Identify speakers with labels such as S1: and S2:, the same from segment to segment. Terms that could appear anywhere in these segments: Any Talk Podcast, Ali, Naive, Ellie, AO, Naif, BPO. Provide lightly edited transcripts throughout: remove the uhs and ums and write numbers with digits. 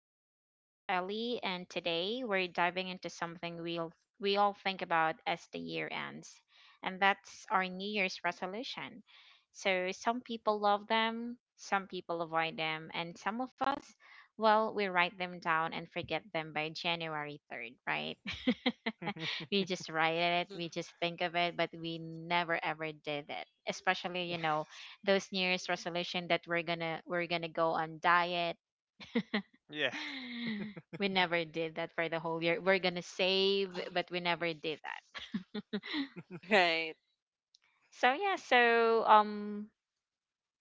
S1: I'm your host, Ellie, and today we're diving into something we all think about as the year ends, and that's our New Year's resolution. So, some people love them, some people avoid them, and some of us, well, we write them down and forget them by January 3rd, right? We just write it,
S2: Mm,
S1: we just think of it, but we never ever did it, especially, those New Year's resolution that we're gonna go on diet.
S3: Yeah.
S1: We never did that for the whole year. We're gonna save,
S2: uh,
S1: but we never did that.
S2: Right.
S1: So yeah,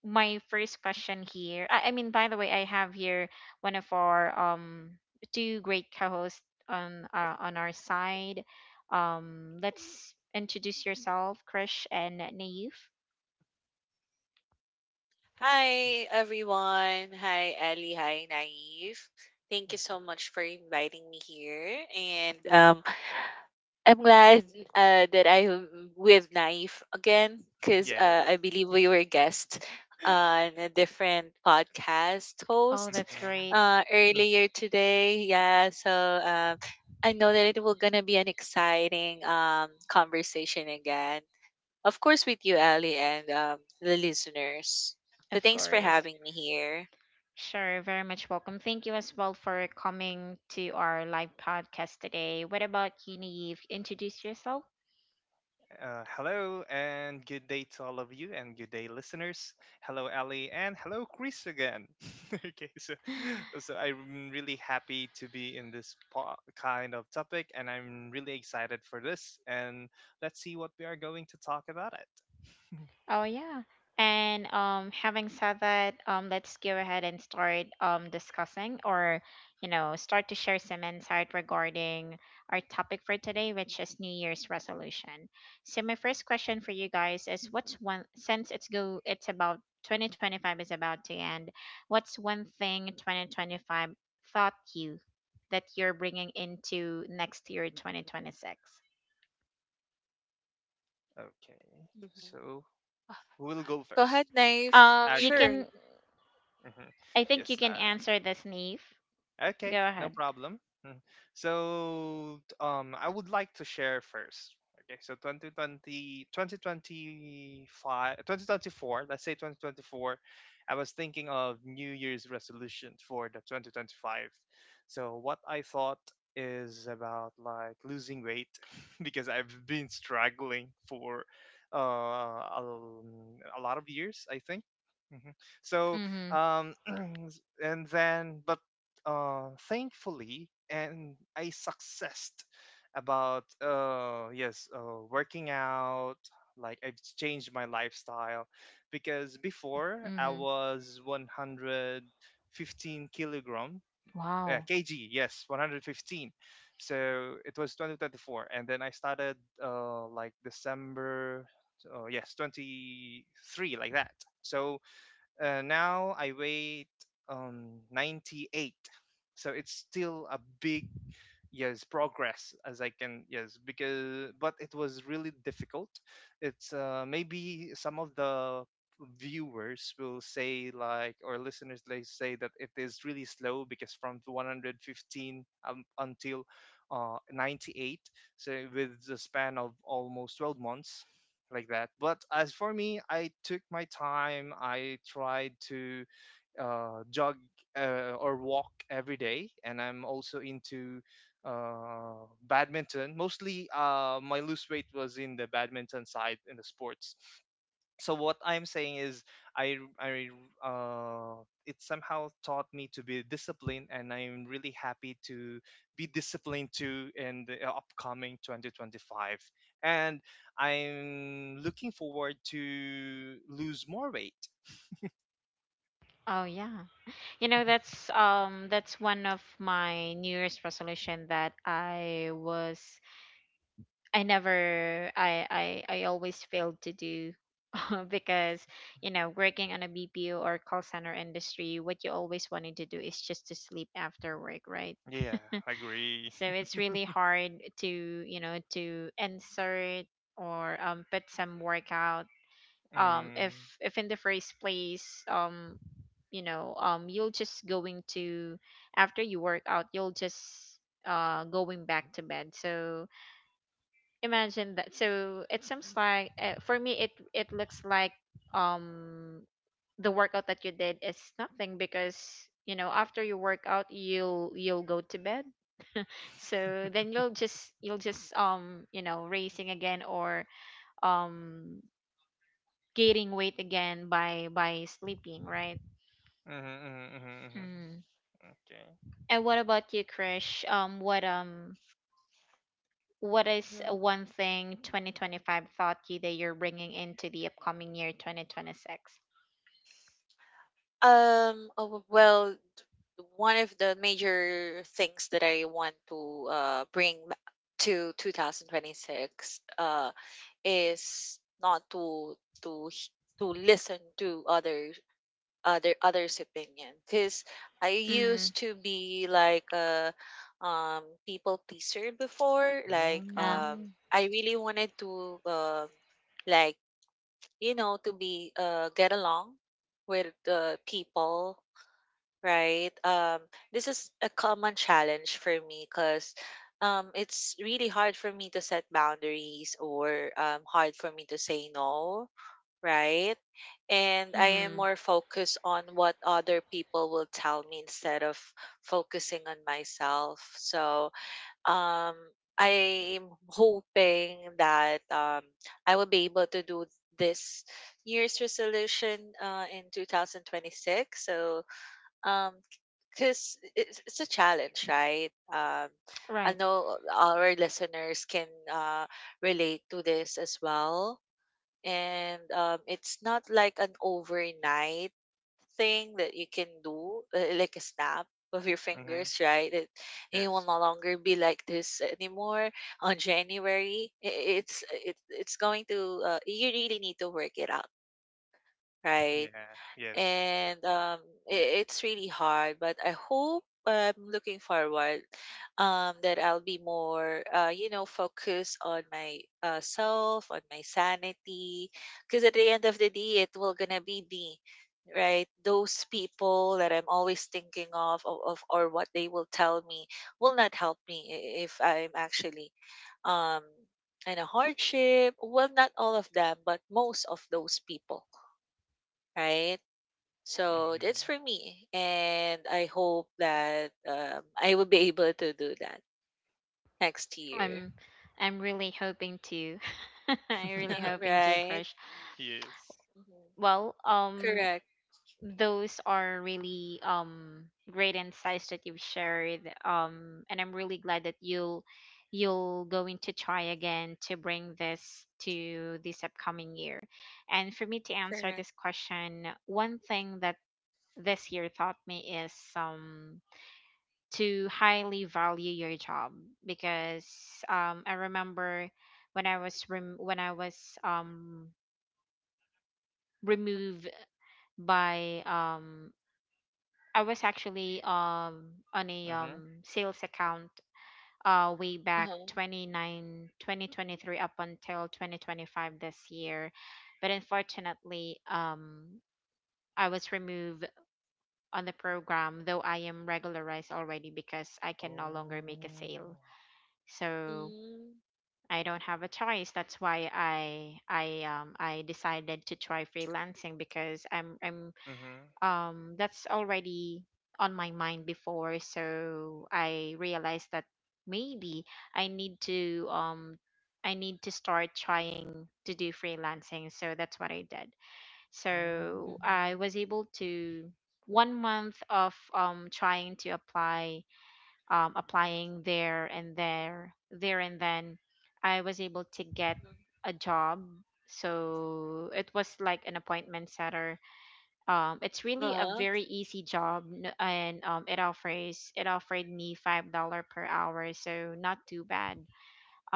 S1: my first question here. I mean, by the way, I have here one of our two great co-hosts on our side. Let's introduce yourself, Krish and Naif.
S2: Hi, everyone. Hi, Ellie. Hi, Naive. Thank you so much for inviting me here. And I'm glad that I'm with Naive again because
S3: Yes.
S2: I believe we were guests on a different podcast
S1: Oh,
S2: host
S1: that's
S3: Mhm.
S1: great.
S3: Mm.
S2: earlier today. Yeah. So I know that it will gonna be an exciting conversation again. Of course, with you, Ali, and the listeners. So
S1: Of
S2: thanks for
S1: course.
S2: having me here.
S1: Sure, very much welcome. Thank you as well for coming to our live podcast today. What about you, Naive? Introduce yourself.
S3: Hello and good day to all of you and good day listeners. Hello Ali and hello Chris again. Okay, so so I'm really happy to be in this kind of topic and I'm really excited for this, and let's see what we are going to talk about it.
S1: Oh yeah. And having said that, let's go ahead and start discussing or start to share some insight regarding our topic for today, which is New Year's resolution. So my first question for you guys is, what's one, since it's about 2025 is about to end, what's one thing 2025 taught you that you're bringing into next year, 2026?
S3: Okay.
S2: Mhm.
S3: So who will go
S2: Go
S3: first?
S2: ahead, Knife.
S1: You
S3: Okay.
S2: Sure.
S1: can,
S3: Hmm.
S1: I think you
S3: Yes,
S1: can
S3: uh,
S1: answer this, Neve.
S3: Okay,
S1: Go
S3: no
S1: ahead.
S3: problem. Mm. So, I would like to share first. Okay, so twenty twenty twenty twenty-five, 2024, let's say 2024, I was thinking of New Year's resolution for the 2025. So what I thought is about like losing weight. Because I've been struggling for uh, a, a lot of years, I think. Hmm. So,
S1: Mhm.
S3: um, and then, but thankfully, and I successed about working out. Like, I've changed my lifestyle because before I
S1: Mhm.
S3: was 115 kilogram,
S1: Wow.
S3: kg. Yes, 115. So it was 2024, and then I started like December. Yes, 23, like that. So now I weigh 98, so it's still a big, yes, progress as I can, yes, because, but it was really difficult. It's, maybe some of the viewers will say, like, or listeners, they say that it is really slow because from the 115 until 98, so with the span of almost 12 months, like that. But as for me, I took my time. I tried to jog or walk every day, and I'm also into badminton. Mostly, my lose weight was in the badminton side, in the sports. So what I'm saying is, I it somehow taught me to be disciplined, and I'm really happy to be disciplined too in the upcoming 2025. And I'm looking forward to lose more weight.
S1: Oh yeah. That's one of my New Year's resolution that I was I never I I always failed to do. Because working on a BPO or call center industry, what you always wanted to do is just to sleep after work, right?
S3: Yeah, I agree.
S1: So it's really hard to insert or put some workout, if
S3: Mm,
S1: in the first place, you'll just going to, after you work out you'll just going back to bed. So imagine that. So it seems like, for me, it looks like um the workout that you did is nothing, because after you work out you'll go to bed. So then you'll just, racing again or um gaining weight again by sleeping, right?
S3: mhm, mhm, mhm, mhm.
S1: Mm.
S3: Okay.
S1: And what about you, Krish? What is
S2: Mhm.
S1: one thing 2025 thought you that you're bringing into the upcoming year, 2026?
S2: Oh, Well, one of the major things that I want to uh, bring ba- to 2026 is not to to h- to listen to other others' opinion because I used
S1: Mm.
S2: to be like a people pleaser before.
S1: Yeah.
S2: I really wanted to like you know to be get along with the people, right? This is a common challenge for me because it's really hard for me to set boundaries or hard for me to say no right? And I am
S1: Mm.
S2: more focused on what other people will tell me instead of focusing on myself. So, um, I'm hoping that I will be able to do this year's resolution in 2026. So, um, because it's a challenge, right? I
S1: Right.
S2: know our listeners can relate to this as well and it's not like an overnight thing that you can do like a snap of your
S3: Mm-hmm.
S2: fingers, right? You will no
S3: Yes.
S2: longer be like this anymore on January. It's going to you really need to work it out, right?
S3: Yeah. Yes.
S2: And I it's really hard. But I hope I'm looking forward that I'll be more, you know, focused on my self, on my sanity, because at the end of the day, it will gonna be me, right? Those people that I'm always thinking of or what they will tell me will not help me if I'm actually um in a hardship. Well, not all of them, but most of those people, right? So that's
S3: Mm-hmm.
S2: for me, and I hope that I will be able to do that next year,
S1: I'm I'm really hoping to. I really hoping to,
S2: right?
S1: Krish.
S3: Yes.
S2: Mhm.
S1: Well,
S2: Correct,
S1: those are really great insights that you've shared, and I'm really glad that you'll going to try again to bring this to this upcoming year. And for me to answer
S2: correct.
S1: this question, one thing that this year taught me is to highly value your job, because I remember when I was removed. By I was actually on a
S3: Mm-hmm.
S1: sales account way
S2: Uh
S1: back
S2: huh.
S1: 29, 2023, up until 2025 this year. But unfortunately, I was removed on the program, though I am regularized already, because I can no longer make a
S3: Oh.
S1: sale. So
S2: Mm-hmm.
S1: I don't have a choice. That's why I decided to try freelancing, because I'm
S3: Mm-hmm.
S1: that's already on my mind before. So I realized that maybe i need to um I need to start trying to do freelancing. So that's what I did.
S3: Um,
S1: So I was able to, one month of trying to applying there and there, and then I was able to get a job. So it was like an appointment setter. It's
S2: Uh
S1: really a
S2: huh.
S1: very easy job, and it offered me $5 per hour, so not too bad.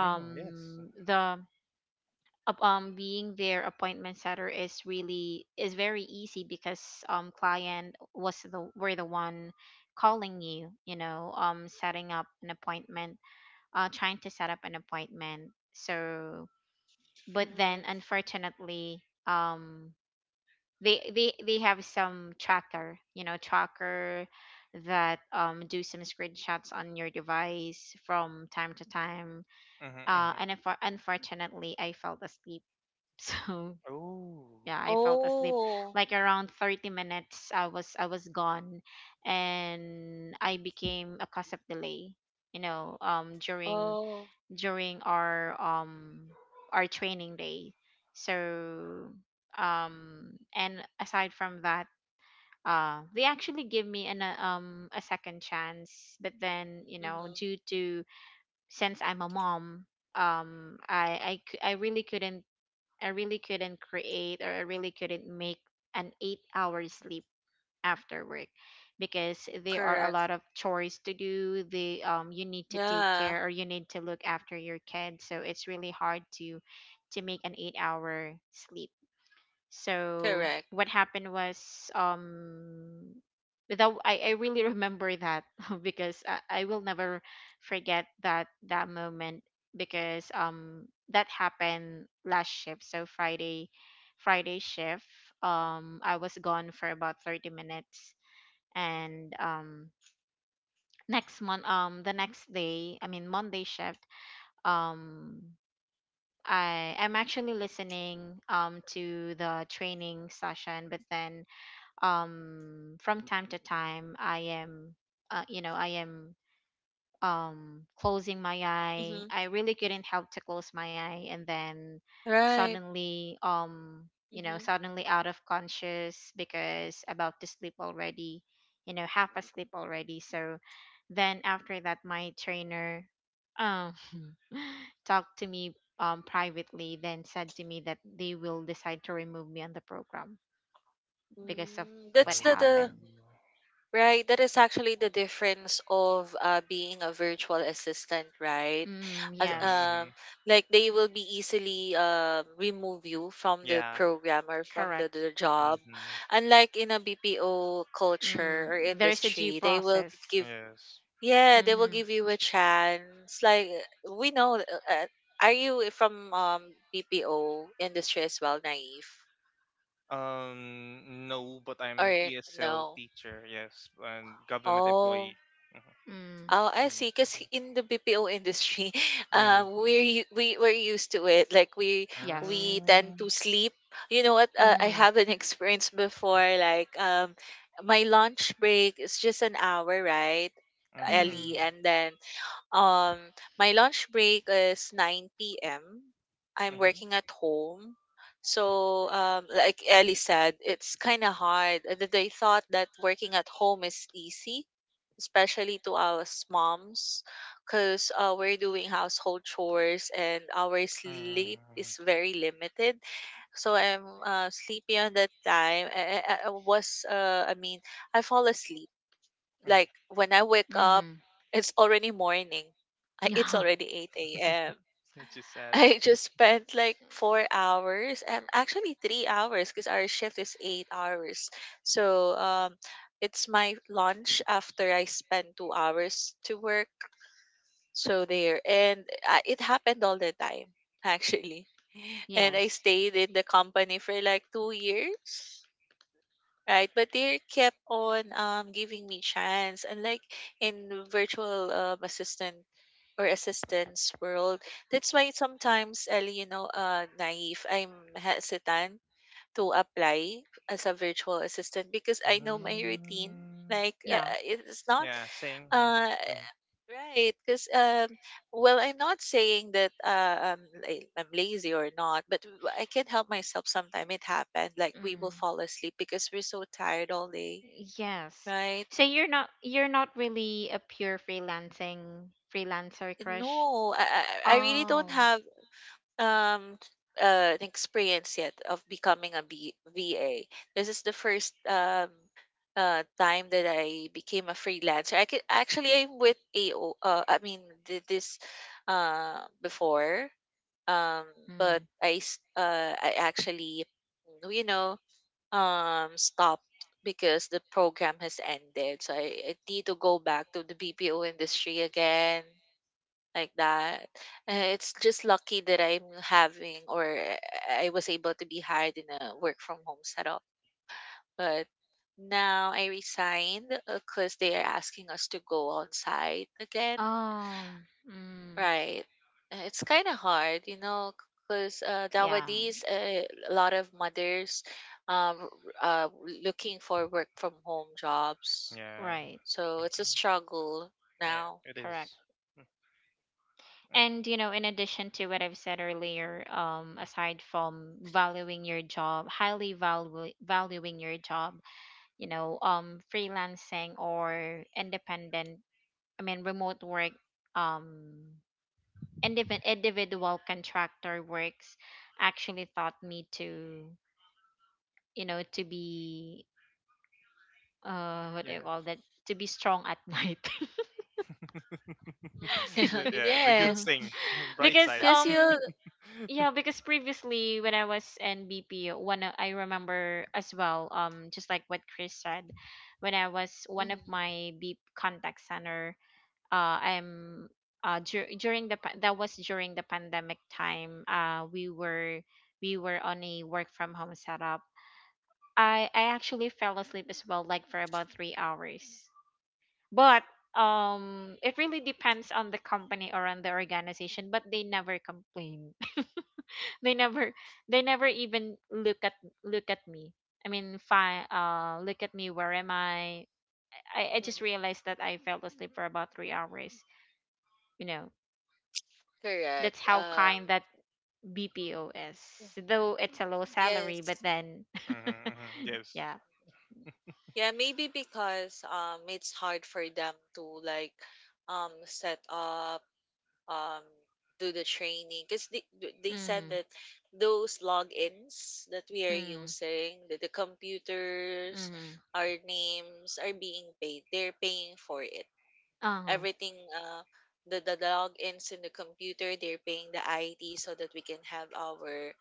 S3: mm-hmm. Yes.
S1: The being their appointment setter is really is very easy, because client was the were the one calling you, you know setting up an appointment, trying to set up an appointment. So but then
S2: Hmm.
S1: unfortunately, they have some tracker, tracker that do some screenshots on your device from time to time.
S3: Mm-hmm. Mm-hmm.
S1: And unfortunately, I fell asleep. So
S3: Oh.
S1: yeah, I fell asleep
S2: Oh,
S1: like around 30 minutes. I was gone, and I became a cause of delay, during
S2: oh.
S1: our training day. So and aside from that, they actually give me an a second chance, but then
S2: Mm-hmm.
S1: due to, since I'm a mom, I really couldn't, create or I really couldn't make an 8-hour sleep after work, because there are a
S2: Correct.
S1: lot of chores to do, they you need to take
S2: Yeah,
S1: care or you need to look after your kids, so it's really hard to make an 8-hour sleep. So
S2: correct.
S1: what happened was, that I really remember that, because I will never forget that moment, because that happened last shift, so Friday, shift. I was gone for about 30 minutes, and next month the next day, I mean Monday shift, um I am actually listening to the training session, but then from time to time I am closing my eye.
S2: Mm-hmm.
S1: I really couldn't help to close my eye, and then
S2: Right.
S1: suddenly, um you know
S2: Mm-hmm.
S1: suddenly out of conscious, because about to sleep already, half asleep already. So then after that, my trainer um talked to me, privately, then said to me that they will decide to remove me on the program because of
S2: Mm,
S3: Oh.
S1: what
S2: that's the
S1: happened.
S3: Mm-hmm.
S2: Right, that is actually the difference of being a virtual assistant, right?
S1: Mm,
S2: As,
S1: yes,
S3: Mm-hmm.
S2: like they will be easily remove you from the
S3: Yeah.
S2: program or from
S1: correct.
S2: the job.
S3: Mm-hmm.
S2: Unlike in a BPO culture
S1: Mm,
S2: or
S1: there is a due
S2: industry, they will
S1: process.
S2: give,
S3: Yes.
S2: yeah, they will
S1: Mm-hmm.
S2: give you a chance. Like we know, uh, are you from BPO industry as well, naive,
S3: No, but I'm an
S2: or
S3: ESL
S2: no?
S3: teacher. Yes, and government
S2: Oh,
S3: employee. Mm-hmm.
S1: Mm,
S2: oh, I see.
S3: Yeah.
S2: Because in the BPO industry,
S3: Mm.
S2: we're u- we we're used to it. Like
S1: yes.
S2: we tend
S3: Mm.
S2: to sleep. You know what? I
S1: Mm,
S2: have an experience before. My lunch break is just an hour, right,
S3: Mm.
S2: Ellie?
S1: mm,
S3: Mm.
S2: And then my lunch break is 9 p.m. I'm
S3: Mm.
S2: working at home. So, like Ellie said, it's kind of hard. They thought that working at home is easy, especially to us moms, because we're doing household chores and our sleep
S3: Mm.
S2: is very limited. So I'm sleepy on that time. I fall asleep.
S3: Mm.
S2: Like when I wake up,
S1: mm-hmm.
S2: it's already morning. It's
S1: Yeah.
S2: already 8 a.m.
S3: Which is sad.
S2: I just spent like 4 hours, actually 3 hours, because our shift is 8 hours. So it's my lunch after I spend 2 hours to work. So there, and it happened all the time, actually. And I
S1: Yes.
S2: stayed in the company for like 2 years. Right, but they kept on giving me chance. Unlike in virtual assistant or assistance world, that's why sometimes, Ellie, you know, naive, I'm hesitant to apply as a virtual assistant because I know my routine.
S3: Mm,
S1: Yeah.
S2: It's not.
S3: yeah, same.
S2: Uh,
S3: Mm, mm,
S2: Right, because well, I'm not saying that I'm lazy or not, but I can't help myself. Sometimes it happens, like we will
S1: Mm,
S2: fall asleep because we're so tired all day,
S1: yes.
S2: right?
S1: So you're not, really a pure freelancing freelancer, crush.
S2: No, I really don't
S1: Oh.
S2: have um an experience yet of becoming a VA. This is the first time that I became a freelancer. I could actually I'm with AO. I mean this before. um but
S1: Mm.
S2: I actually, you know, stopped because the program has ended, so I need to go back to the BPO industry again, like that. It's just lucky that I'm having or I was able to be hired in a work from home setup, but now I resigned because they are asking us to go on site again.
S1: Oh. Mm.
S2: Right. It's kind of hard, you know, because
S1: Yeah.
S2: nowadays a lot of mothers um, uh, looking for work from home jobs.
S3: yeah,
S1: Right.
S2: So
S3: mhm.
S2: it's a struggle
S3: Yeah,
S2: now.
S3: it is.
S1: Correct.
S3: Mm,
S1: And,
S3: uh,
S1: you know, in addition to what I've said earlier,
S3: mm,
S1: aside from valuing your job, highly value valuing your job, freelancing or independent, I mean, remote work, um, individual contractor works, actually taught me to be, what do
S3: yeah.
S1: you call that? To be strong at night.
S3: The,
S2: Mhm.
S3: yeah, the good
S2: Yes.
S3: thing, bright
S1: because
S3: side.
S2: Because you.
S1: Yeah, because previously when I was in BP, I remember as well, just like what Chris said, when I was one of
S2: Mhm,
S1: my B contact center, I'm dur- during the pa- that was during the pandemic time, we were on a work from home setup. I actually fell asleep as well, like for about 3 hours, but it really depends on the company or on the organization, but they never complain. They never they never even look at me. I mean, fine, look at me, where am I just
S2: mhm.
S1: realized that I fell asleep for about 3 hours. you know
S2: Correct.
S1: that's how kind that bpo is. Though it's a low salary, but
S2: Yes.
S1: then
S3: Mm-hmm, hmm. Yes,
S1: yeah,
S2: Yeah, maybe because it's hard for them to like set up. Um, do the training because they said
S1: mm-hmm,
S2: that those logins that we are using, that the computers,
S1: mm-hmm,
S2: our names are being paid, they're paying for it,
S1: uh-huh,
S2: everything. The logins in the computer, they're paying the id so that we can have our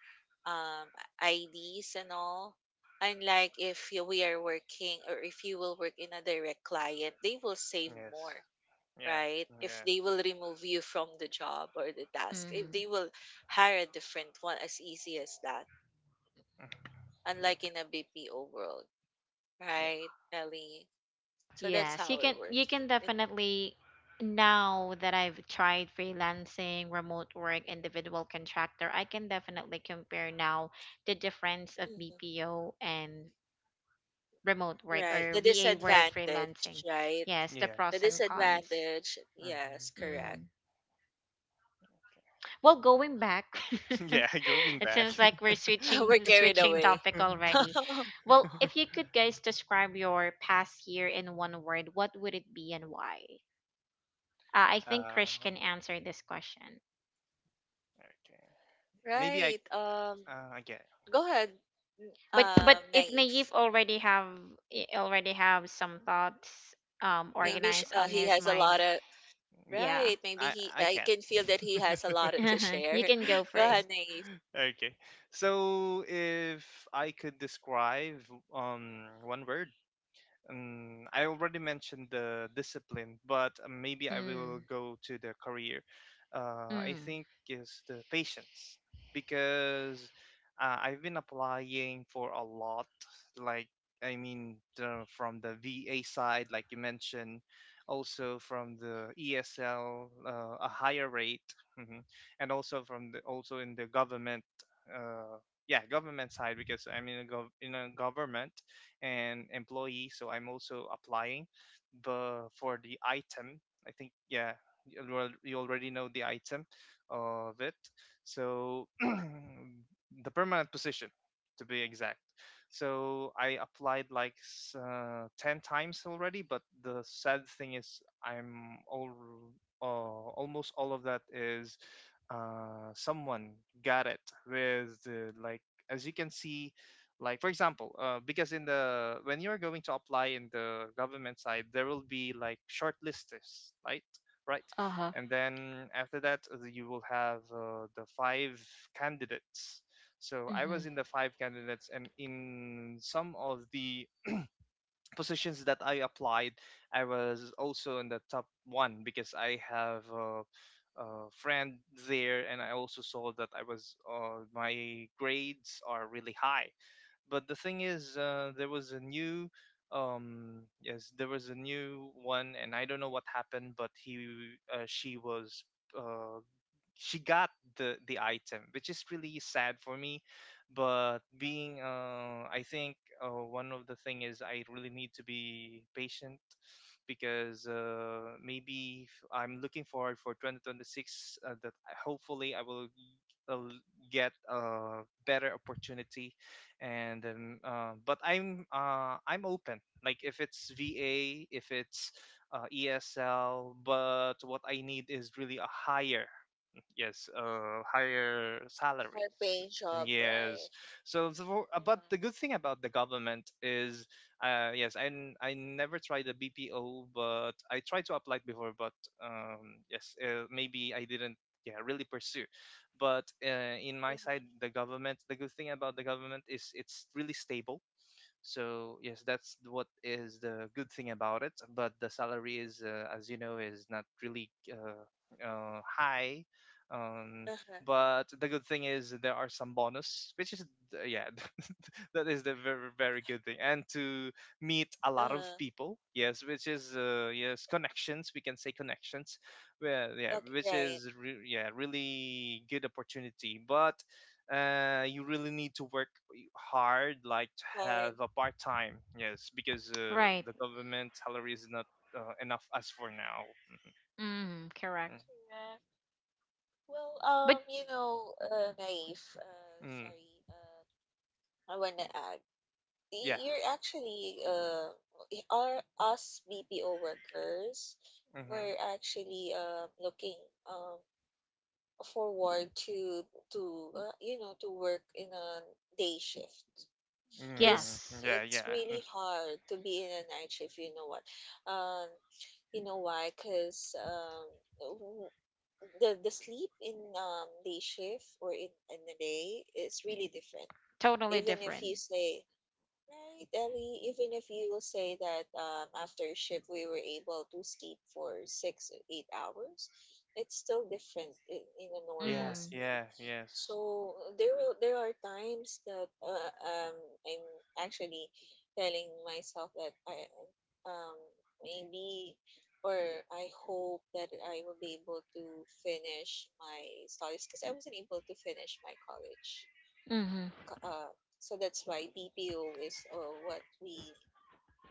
S2: um, ids and all. Unlike if you- we are working or if you will work in a direct client, they will save more,
S3: yes, yeah,
S2: right? If
S3: yeah,
S2: they will remove you from the job or the task, if they
S1: mm-hmm.
S2: will hire a different one, as easy as that,
S3: mm,
S2: unlike
S3: yeah,
S2: in a BPO world,
S3: yeah,
S2: right, Ellie? So that's
S1: Yes, you
S2: how it
S1: can you
S2: works.
S1: can definitely, now that I've tried freelancing, remote work, individual contractor, I can definitely compare now the difference of
S2: Mhm.
S1: BPO and remote work
S2: Right.
S1: or
S2: The
S1: VA work freelancing.
S2: disadvantage, right?
S1: Yes, the
S2: The
S1: pros
S3: yes.
S1: and cons.
S2: disadvantage. Yes, correct.
S1: Mm.
S3: Hmm.
S1: Well, going back,
S3: Yeah, going
S1: it
S2: Mhm.
S3: back.
S1: seems like we're
S2: We're carried
S1: switching
S2: away.
S1: topic already. Well, if you could guys describe your past year in one word, what would it be and why? I think
S3: Uh.
S1: Krish can answer this question.
S3: Okay, maybe I.
S2: Right.
S3: Okay,
S2: Go ahead.
S1: But if Naive
S2: Naif.
S1: already have, some thoughts
S3: yeah,
S2: Maybe sh
S1: organized on
S2: he
S1: his
S2: has a lot
S1: mind,
S2: of.
S3: yeah,
S1: yeah,
S2: Right, maybe
S3: I
S2: he,
S3: I
S2: I
S3: can.
S2: can feel that he has a lot to
S1: you
S2: share.
S1: can go
S2: Go ahead,
S1: first.
S2: Naive.
S3: Okay. So if I could describe one word, I already mentioned the discipline, but maybe I will
S1: Mm,
S3: go to the career. I
S1: mm,
S3: think is the patience, because I've been applying for a lot. Like, I mean, the, from the VA side, like you mentioned, also from the ESL, a higher rate, mhm, and also from the, also in the government. Uh, yeah, government side, because I'm in a government an employee, so I'm also applying. But for the item, I think, yeah, you already know the item of it. So the permanent position, to be exact. So I applied like 10 times already, but the sad thing is I'm all almost all of that is someone got it with the, like as you can see, like for example, because in the, when you're going to apply in the government side, there will be like shortlisters, right, right.
S1: uh huh.
S3: And then after that you will have the five candidates. So I
S1: Mm-hmm.
S3: was in the five candidates, and in some of the positions that I applied I was also in the top one because I have a friend there, and I also saw that I was, my grades are really high. But the thing is, there was a new, yes, there was a new one, and I don't know what happened, but she was. Uh, she got the item, which is really sad for me. But being, I think one of the thing is, I really need to be patient because maybe if I'm looking forward for 2026, hopefully I will uh, get a better opportunity. And but I'm I'm open, like if it's va, if it's ESL, but what I need is really a higher, yes, higher salary,
S2: Her paint job,
S3: yes.
S2: right?
S3: So the
S2: Yeah.
S3: but the good thing about the government is, yes, I never tried the bpo, but I tried to apply before, but yes maybe I didn't yeah really pursue. But in my side,
S2: Uh-huh.
S3: the government, the good thing about the government is it's really stable. So yes, that's what is the good thing about it. But the salary is, as you know, is not really high. Um,
S2: Uh-huh.
S3: but the good thing is there are some bonus, which is yeah, that is the very very good thing. And to meet a lot of
S2: Uh-huh.
S3: people, yes, which is, yes, connections. We can say connections. Well, yeah,
S2: Okay,
S3: which
S2: right.
S3: is yeah, really good opportunity. But you really need to work hard, like to have
S2: Hard.
S3: a part time, yes, because
S1: Right.
S3: the government salary is not enough as for now. Hmm.
S1: Mm, correct.
S2: Correct. Well,
S1: But
S2: you know, Naif,
S3: Mm. Mm,
S2: sorry, I wanna add,
S3: yeah.
S2: you're actually, our, us BPO workers,
S3: Mm-hmm.
S2: we're actually, looking, Um. forward to you know, to work in a day shift
S3: Mm.
S2: because
S1: yes,
S3: Yeah,
S2: it's
S3: yeah, mm.
S2: really hard to be in a night shift. You know what? um you know why? Because w- the sleep in day shift or in the day is really different.
S1: totally
S2: Even if
S1: different.
S2: you say, right, Ellie, even if you will say that after shift we were able to sleep for 6 or 8 hours, it's still different in a
S3: Yeah,
S2: normal
S1: Mm,
S2: sleep.
S3: yeah, yes.
S2: So there will, there are times that I'm actually telling myself that I um, maybe or I hope that I will be able to finish my studies because I wasn't able to finish my college,
S1: mm-hmm.
S2: uh, so that's why BPO is what we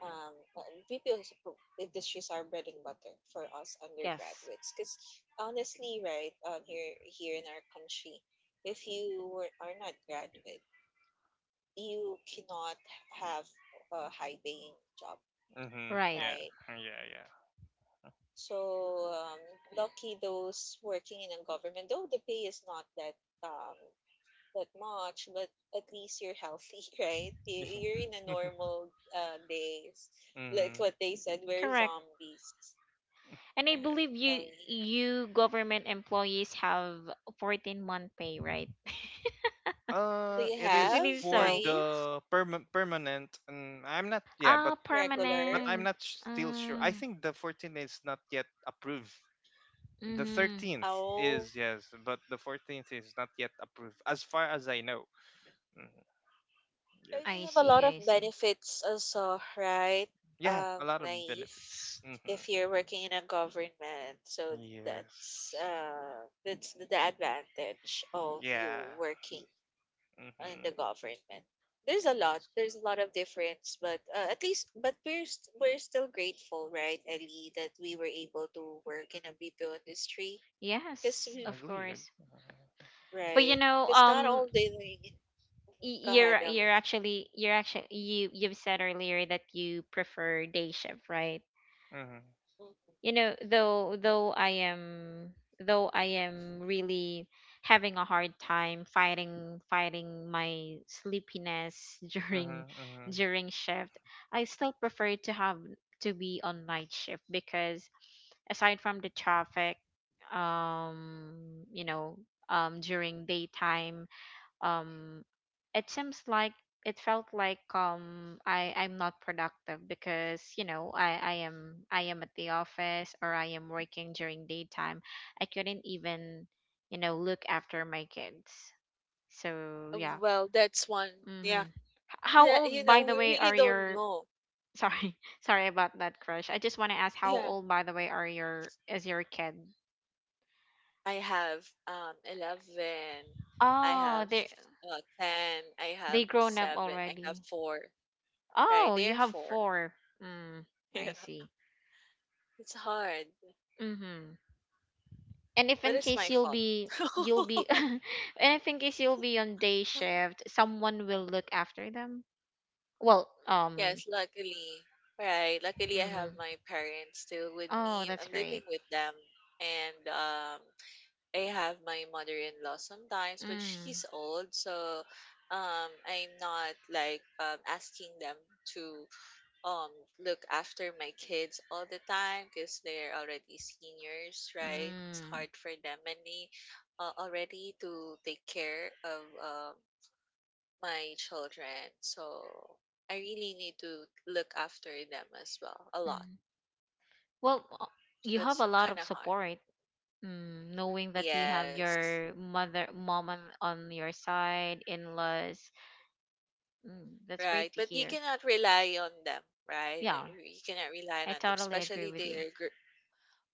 S2: um, uh, BPO is industries are bread and butter for us
S1: Yes.
S2: undergraduates. Because honestly, right, here in our country, if you are not graduate, you cannot have a high paying job,
S3: Mm-hmm.
S1: Right.
S3: Yeah,
S2: right?
S3: yeah,
S2: So lucky those working in a government, though the pay is not that that much, but at least you're healthy, right?
S3: yeah.
S2: You're in a normal days. Like
S3: Mm-hmm.
S2: what they said, we're
S1: Correct.
S2: zombies,
S1: And I
S3: Yeah.
S2: right?
S1: believe
S2: Tell
S1: you,
S2: me,
S1: government employees have 14-month pay, right?
S2: do
S3: Uh,
S2: you
S3: it
S1: I
S3: is
S2: have,
S1: believe
S3: for
S1: so.
S2: naive,
S3: the permanent, I'm not, yeah, but
S1: Ah,
S3: mm, but
S2: regular?
S3: I'm
S1: permanent.
S3: not still sure. I
S1: Uh,
S3: think the 14 is not yet approved. The
S1: mm-hmm.
S3: 13th is,
S2: Oh,
S3: yes, but the 14th is not yet approved, as far as I know. Mhm. Yes.
S2: and you
S1: I
S2: have a
S1: see,
S2: lot of
S1: I see.
S2: benefits also, right?
S3: Yeah, a lot of
S2: Naive.
S3: benefits. Hmm.
S2: If you're working in a government, so
S3: Yes.
S2: that's the advantage of you
S3: Yeah.
S2: working in
S3: Hmm.
S2: the government. There's
S3: Yeah,
S2: a lot.
S3: that's.
S2: There's a lot of difference, but at least, but we're still grateful, right, Ellie, that we were able to work in a BPO industry. Cause
S1: Yes,
S2: we,
S1: of
S3: Agree.
S1: course. But
S2: right, cause not all the go ahead,
S1: you're you're
S2: Ellie.
S1: actually you're actually you've said earlier that you prefer day shift, right?
S3: Mm-hmm.
S2: Mhm.
S1: you know though though i am though I am really having a hard time fighting my sleepiness during
S3: Mm-hmm. Mm-hmm.
S1: shift. I still prefer to be on night shift, because aside from the traffic, um you know during daytime, um it seems like it felt like I'm not productive, because I am at the office, or I am working during daytime. I couldn't even look after my kids. So yeah.
S2: Well, that's one. Yeah,
S1: Mm-hmm. How
S2: yeah. You
S1: old,
S2: know,
S1: by the
S2: we
S1: way,
S2: really
S1: are
S2: don't
S1: your—
S2: know.
S1: Sorry, sorry about that, crush. I just want to ask, how
S2: Yeah,
S1: old, by the way, are your is your kid?
S2: I have 11. I
S1: Oh,
S2: have
S1: they,
S2: ten. I have
S1: grown up
S2: seven. I have
S1: already.
S2: four. Right,
S1: Oh, you
S2: there are
S1: have
S2: four.
S1: four. Mm,
S2: Yeah.
S1: I see.
S2: It's hard,
S1: Mm-hmm. And if
S2: but
S1: in
S2: it's my
S1: case you'll
S2: fault.
S1: be And if in case you'll be on day shift, someone will look after them. Well, um
S2: Yes, luckily. Right. Luckily, I have
S1: mm-hmm.
S2: my parents still with
S1: Oh,
S2: me.
S1: that's
S2: I'm living
S1: great.
S2: with them. And I have my mother-in-law sometimes, but
S1: Mm.
S2: she's old, so I'm not like asking them to um, look after my kids all the time because they're already seniors, right? It's
S1: Mm.
S2: hard for them, and they already to take care of my children. So I really need to look after them as well a lot.
S1: Mm. Well, uh, you
S2: So
S1: have
S2: it's
S1: a lot
S2: kind
S1: of
S2: of hard.
S1: support. Mm, knowing that you have
S2: Yes,
S1: your mom on your side, in-laws, mm, that's great
S2: right.
S1: to
S2: But you
S1: hear.
S2: cannot rely on them, right?
S1: Yeah,
S2: You cannot rely
S1: I
S2: on them,
S1: totally agree
S2: especially
S1: with you.
S2: they're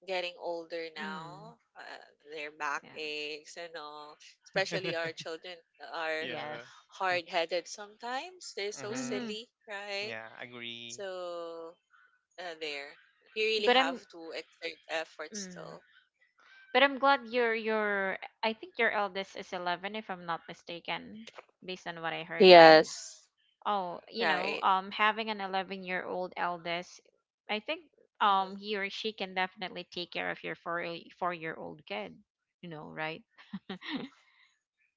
S2: getting older
S1: Mm,
S2: now. Their back
S1: yeah,
S2: aches and all. Especially our children are
S1: yes.
S3: Yeah.
S2: hard headed sometimes. They're so
S3: Mm-hmm.
S1: Mm-hmm.
S2: silly, right?
S3: Yeah, agree.
S2: So there, you really
S1: But
S2: have
S1: I'm,
S2: to exert effort
S1: mm,
S2: still.
S1: But I'm glad your I think your eldest is 11 if I'm not mistaken based on what I heard, right?
S2: Yes.
S1: Oh, you know,
S2: Right.
S1: having an 11-year-old eldest, I think
S2: Mhm.
S1: he or she can definitely take care of your 4 4-year-old kid, you know, right?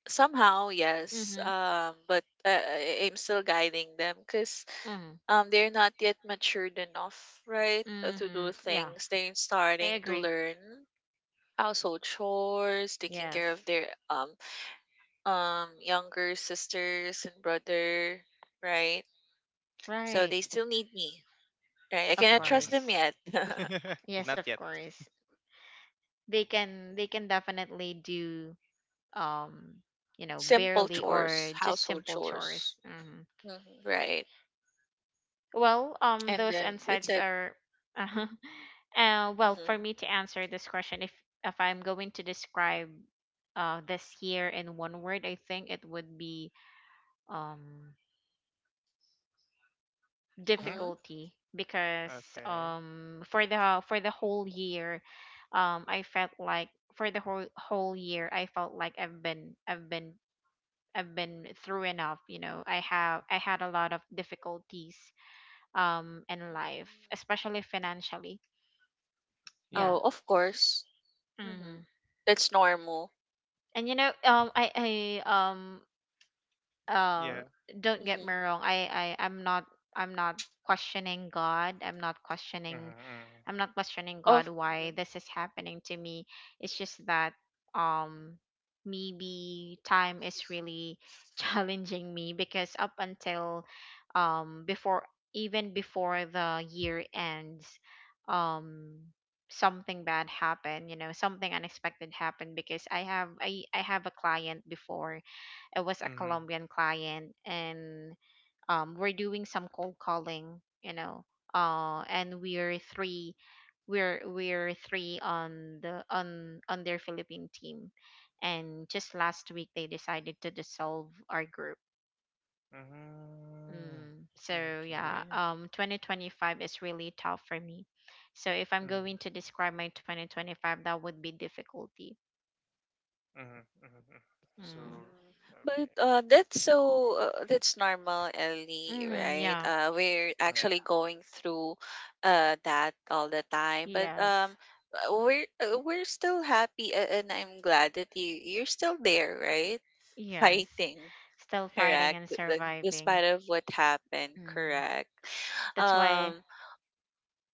S2: Somehow, yes.
S1: Mhm.
S2: I'm still guiding them because
S1: Mhm.
S2: they're not yet matured enough, right, to do
S1: Mhm. Yeah,
S2: things. They're
S1: I
S2: starting to
S1: agree.
S2: learn household chores, taking
S1: Yes.
S2: care of their younger sisters and brother, right? So
S1: Right.
S2: they still need me, right? I
S1: Of
S2: cannot trust them
S1: course.
S2: yet.
S3: Mm-hmm.
S1: Yes,
S3: Not
S1: of
S3: yet.
S1: course. They can definitely do um you know
S2: Simple
S1: barely
S2: chores,
S1: or just
S2: household
S1: simple
S2: chores,
S1: chores. Hmm.
S2: hmm right?
S1: Well,
S2: And
S1: those
S2: then that's
S1: insights
S2: it.
S1: are... well, for
S2: Mhm.
S1: me to answer this question, if I'm going to describe this year in one word, I think it would be um
S3: Mm-hmm.
S2: Mhm.
S1: difficulty, because
S3: Okay.
S1: for the whole year, I felt like for the whole year I felt like I've been I've been through enough, you know. I had a lot of difficulties in life,
S2: Mm.
S1: especially financially. Yeah.
S2: Oh, of
S3: Yes.
S2: course. Mhm.
S1: Mm.
S2: That's normal.
S1: And you know, I um
S3: Yeah.
S1: uh don't get
S2: Mhm.
S1: me wrong. I I'm not questioning God.
S3: Mm-hmm. Mm-hmm.
S1: I'm not questioning God
S2: Of
S1: why
S2: mhm.
S1: this is happening to me. It's just that um maybe time is really challenging me, because up until before even before the year ends, um something bad happened, you know, something unexpected happened, because I have a client before. It was a
S3: Mm-hmm.
S1: Colombian client, and we're doing some cold calling, you know, and we're three on the on their Philippine team, and just last week they decided to dissolve our group.
S3: Mm,
S1: So, yeah,
S3: okay.
S1: 2025 is really tough for me, so if I'm
S3: Mm,
S1: going to describe my 2025, that would be difficulty.
S3: mm, mm, mm. So,
S1: Mm.
S2: Mhm.
S3: okay.
S2: But that's so That's normal, Ellie,
S1: Hmm.
S2: right?
S1: Yeah.
S2: We're
S3: Yeah,
S2: actually going through that all the time, but
S1: Yes,
S2: um, uh, we're uh, we're still happy, and I'm glad that you you're still there, right?
S1: yes,
S2: Fighting,
S1: still fighting
S2: correct?
S1: and surviving.
S2: Despite of what happened,
S1: Mm.
S2: correct?
S1: that's why
S2: Um,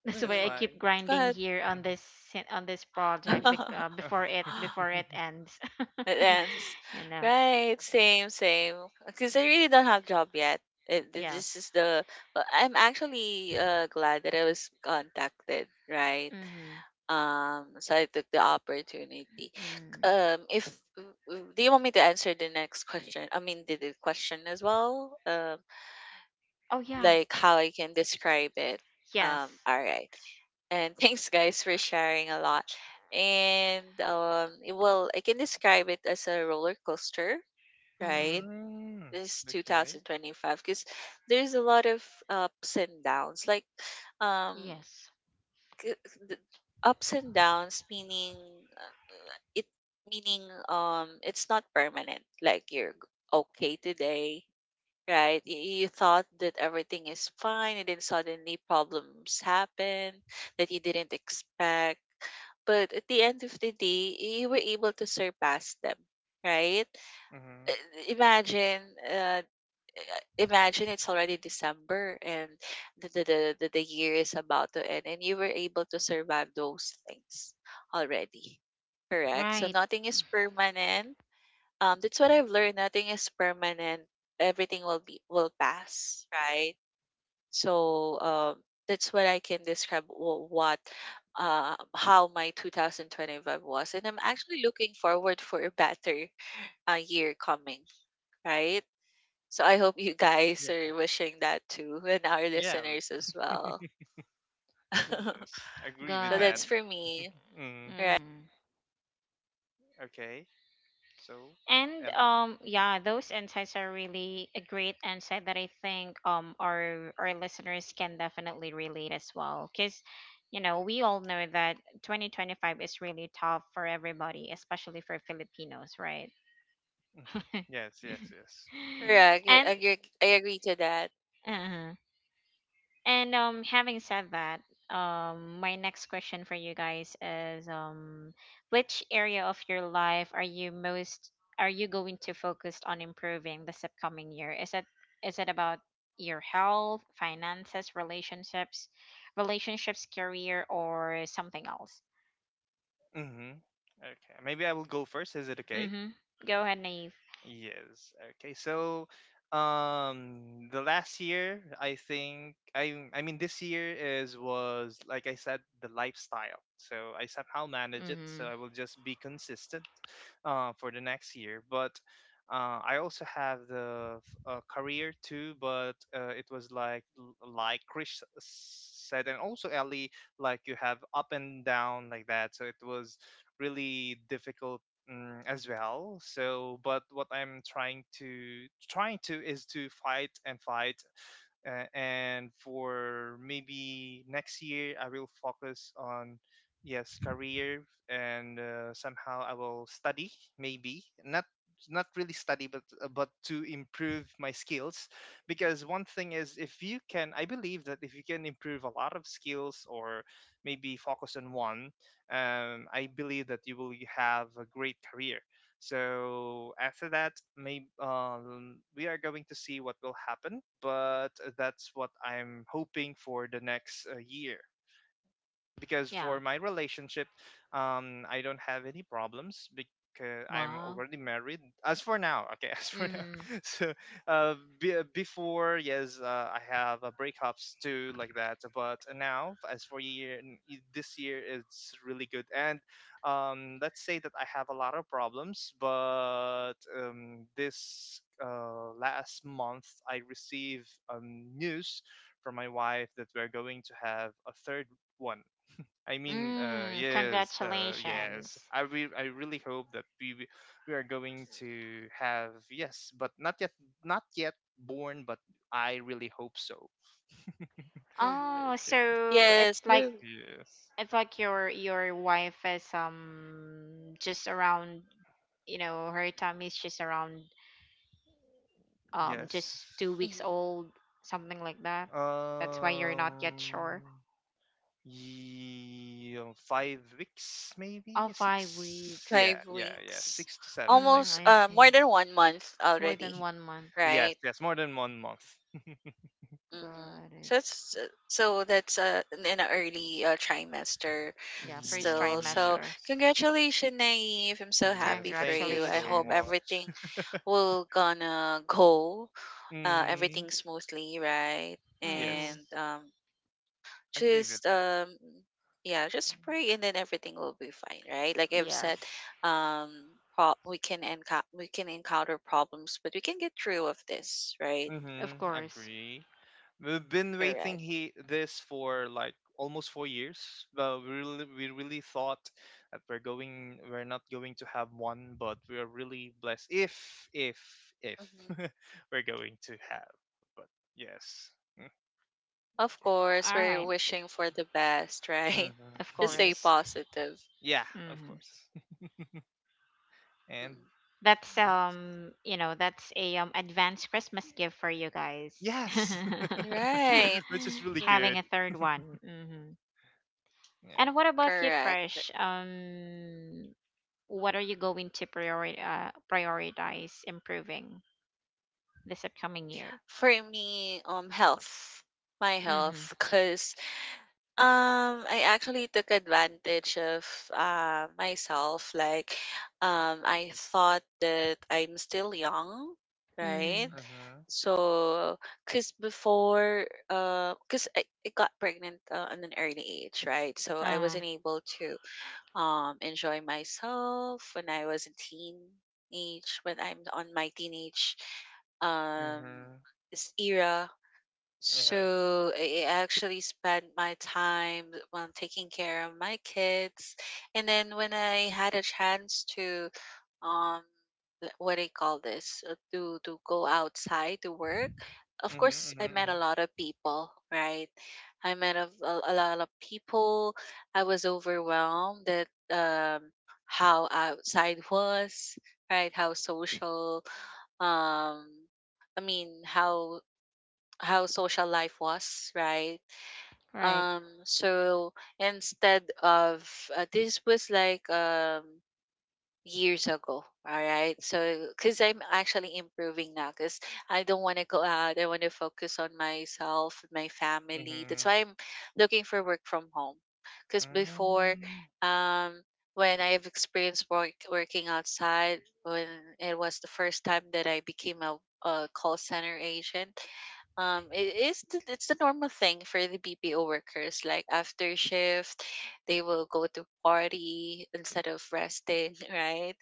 S1: That's
S3: that's
S1: why I
S2: mhm.
S3: why.
S1: keep
S2: Go
S1: grinding
S2: ahead.
S1: here
S3: Mm.
S1: on on this project before it ends.
S2: It ends.
S1: You know.
S2: Right, same, same. Because I really don't have job yet.
S1: Yes.
S2: This is the. I'm actually glad that I was contacted. Right.
S1: Mhm.
S2: So I took the opportunity.
S1: Mm.
S2: If w- w- Do you want me to answer the next question? I mean, the question as well.
S1: Oh yeah.
S2: Like how I can describe it.
S1: Yes.
S2: All right. And thanks, guys, for sharing a lot. I can describe it as a roller coaster, right?
S1: Mhm.
S3: Mm,
S2: This
S3: okay.
S2: 2025 because there's a lot of ups and downs. Um,
S1: Yes.
S2: c- the ups and downs meaning uh, it meaning it's not permanent. Okay today, right. You thought that everything is fine and then suddenly problems happen that you didn't expect. But at the end of the day, you were able to surpass them, right? Uh,
S3: Mm-hmm.
S2: Imagine, uh, Imagine it's already December and the year is about to end and you were able to survive those things already. Correct. So
S1: Right.
S2: nothing is permanent, that's what I've learned. Nothing is permanent. Everything will be will pass, right? So that's what I can describe wh- what how my 2025 was, and I'm actually looking forward for a better year coming, right? So I hope you guys
S3: Yeah.
S2: are wishing that too, and our
S3: Yeah.
S2: listeners as well. So
S3: Yes. Agree with
S1: Got
S3: that.
S2: that's
S1: it.
S2: for me,
S3: Mm,
S2: right?
S1: Mhm.
S3: okay. So,
S1: And
S3: Ellie?
S1: yeah, those insights are really a great insight that I think our listeners can definitely relate as well, cuz you know, we all know that 2025 is really tough for everybody, especially for Filipinos, right?
S3: Mm. Yes, yes, yes.
S2: Correct.
S1: and
S2: I agree to that.
S1: uh and having said that, my next question for you guys is, which area of your life are you most... are you going to focus on improving this upcoming year? Is it about your health, finances, relationships, career, or something else?
S3: Mm-hmm. Okay. Maybe I will go first. Is it okay?
S1: Mm-hmm. Go ahead, Naive.
S3: Yes. Okay. So, the last year, I think, I mean, this year is was like I said, the lifestyle. So I somehow manage it. So
S1: Mm-hmm.
S3: I will just be consistent for the next year. But I also have the career too, but it was like Chris said, and also Ellie, like you have up and down like that. So it was really difficult, mm, as well. So, but what I'm trying to is to fight and fight, and for maybe next year, I will focus on, yes, career, and somehow I will study, maybe not, not really study, but to improve my skills, because one thing is, if you can, I believe that if you can improve a lot of skills, or maybe focus on one, I believe that you will have a great career. So after that, maybe, we are going to see what will happen, but that's what I'm hoping for the next year. Because
S1: Yeah.
S3: for my relationship, I don't have any problems because I'm
S1: Wow.
S3: already married. As for now, okay, as for now.
S1: Mm-hmm.
S3: So, uh, be, before, yes, uh, I have breakups too, like that. But now, as for this year, it's really good. And let's say that I have a lot of problems, but this last month, I received news from my wife that we're going to have a third one.
S1: Mm,
S3: Yes,
S1: congratulations.
S3: I really hope that we are going to have, yes, but not yet, not yet born. But I really hope so.
S2: Mm-hmm.
S1: Oh,
S3: Okay.
S1: so
S3: Yes.
S2: Yes,
S1: it's like
S2: true.
S3: Yes.
S1: your wife is just around, you know, her tummy is just around
S3: Yes.
S1: just two weeks
S2: Mm-hmm.
S1: old, something like that. That's why you're not yet
S3: Um.
S1: sure.
S3: Yeah, 5 weeks, maybe
S1: Oh, five
S3: six.
S1: weeks.
S3: Yeah,
S2: Five
S3: yeah, yeah.
S2: weeks.
S3: Six to seven, like
S1: Mm,
S2: Almost
S1: I see.
S2: more than one month
S1: More than
S2: already,
S1: one month.
S3: that. Yes,
S2: right?
S3: yes. More than one month.
S2: Mm-hmm.
S1: Got it.
S2: So that's in an early trimester
S1: Yeah, first
S2: still. So
S1: trimester.
S3: Yes.
S2: congratulations, Naive. I'm so
S3: Yes.
S2: happy for
S3: Thank you
S2: you. I
S3: so
S2: hope
S1: Congratulations.
S2: everything
S3: much.
S2: will gonna go
S3: Mm,
S2: everything smoothly, right?
S3: yes,
S1: Mm-hmm.
S2: And
S3: agree with
S2: just
S3: that.
S2: yeah, just pray and then everything will be fine right like I've said.
S3: Yes.
S1: Yes,
S2: um we can encounter problems but we can get through of this right
S1: of
S3: Mm-hmm.
S1: course.
S3: Agree. We've been waiting
S2: correct
S3: he this for like almost 4 years. But we really thought that we're not going to have one, but we are really blessed if
S2: hmm
S3: we're going to have. But yes.
S2: of course
S1: All
S2: we're
S1: right,
S2: wishing for the best
S3: Mm, okay.
S2: right.
S3: Mm-hmm.
S1: of
S2: Just stay
S3: Yes.
S1: course.
S2: positive.
S3: Yeah, of
S1: Mm-hmm.
S3: course. And
S2: Mhm.
S1: That's
S3: next.
S1: you know, that's a advanced Christmas gift for you guys.
S3: Yes,
S2: Right.
S3: which is really
S2: Mhm.
S1: Having
S3: good.
S1: a third one. Hmm.
S3: Yeah.
S1: And what about you,
S2: Correct.
S1: Crush? What are you going to prioritize improving this upcoming year?
S2: For me health, my
S1: Mm-hmm.
S2: health because I actually took advantage of myself. I thought that I'm still young, right?
S1: Mm-hmm.
S3: Mhm,
S2: So, cause before, cause I got pregnant at an early age, right? So I
S1: Uh,
S2: wasn't able to enjoy myself when I was a teenage, when I'm on my teenage um
S3: mhm,
S2: era,
S3: yeah.
S2: so I actually spent my time on taking care of my kids. And then when I had a chance to um what do you call this? To go outside to work, of
S3: Mhm,
S2: course I met a
S3: mhm,
S2: lot of people, right? I met a lot of people. I was overwhelmed at how outside was, right? Um I mean how social life was, right?
S1: right.
S2: So instead of this was like years ago, all right? So because I'm actually improving now, because I don't want to go out. I want to focus on myself, my
S3: mhm,
S2: family. That's why
S3: mhm.
S2: I'm looking for work from home. Because before,
S3: Mm,
S2: um, when I have experienced work, working outside, when it was the first time that I became a call center agent, it is the, it's the normal thing for the BPO workers. Like after shift, they will go to party instead of resting, right?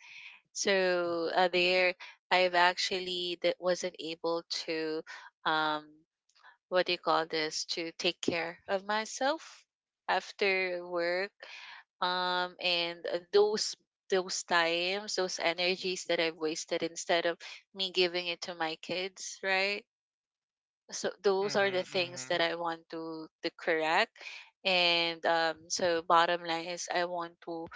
S2: So there, I've actually that wasn't able to, um, what do you call this? To take care of myself after work. And Those times, those energies that I've wasted instead of me giving it to my kids, right? So those are the
S3: mhm,
S2: things that
S3: mhm.
S2: I want to correct. And so bottom line is I want to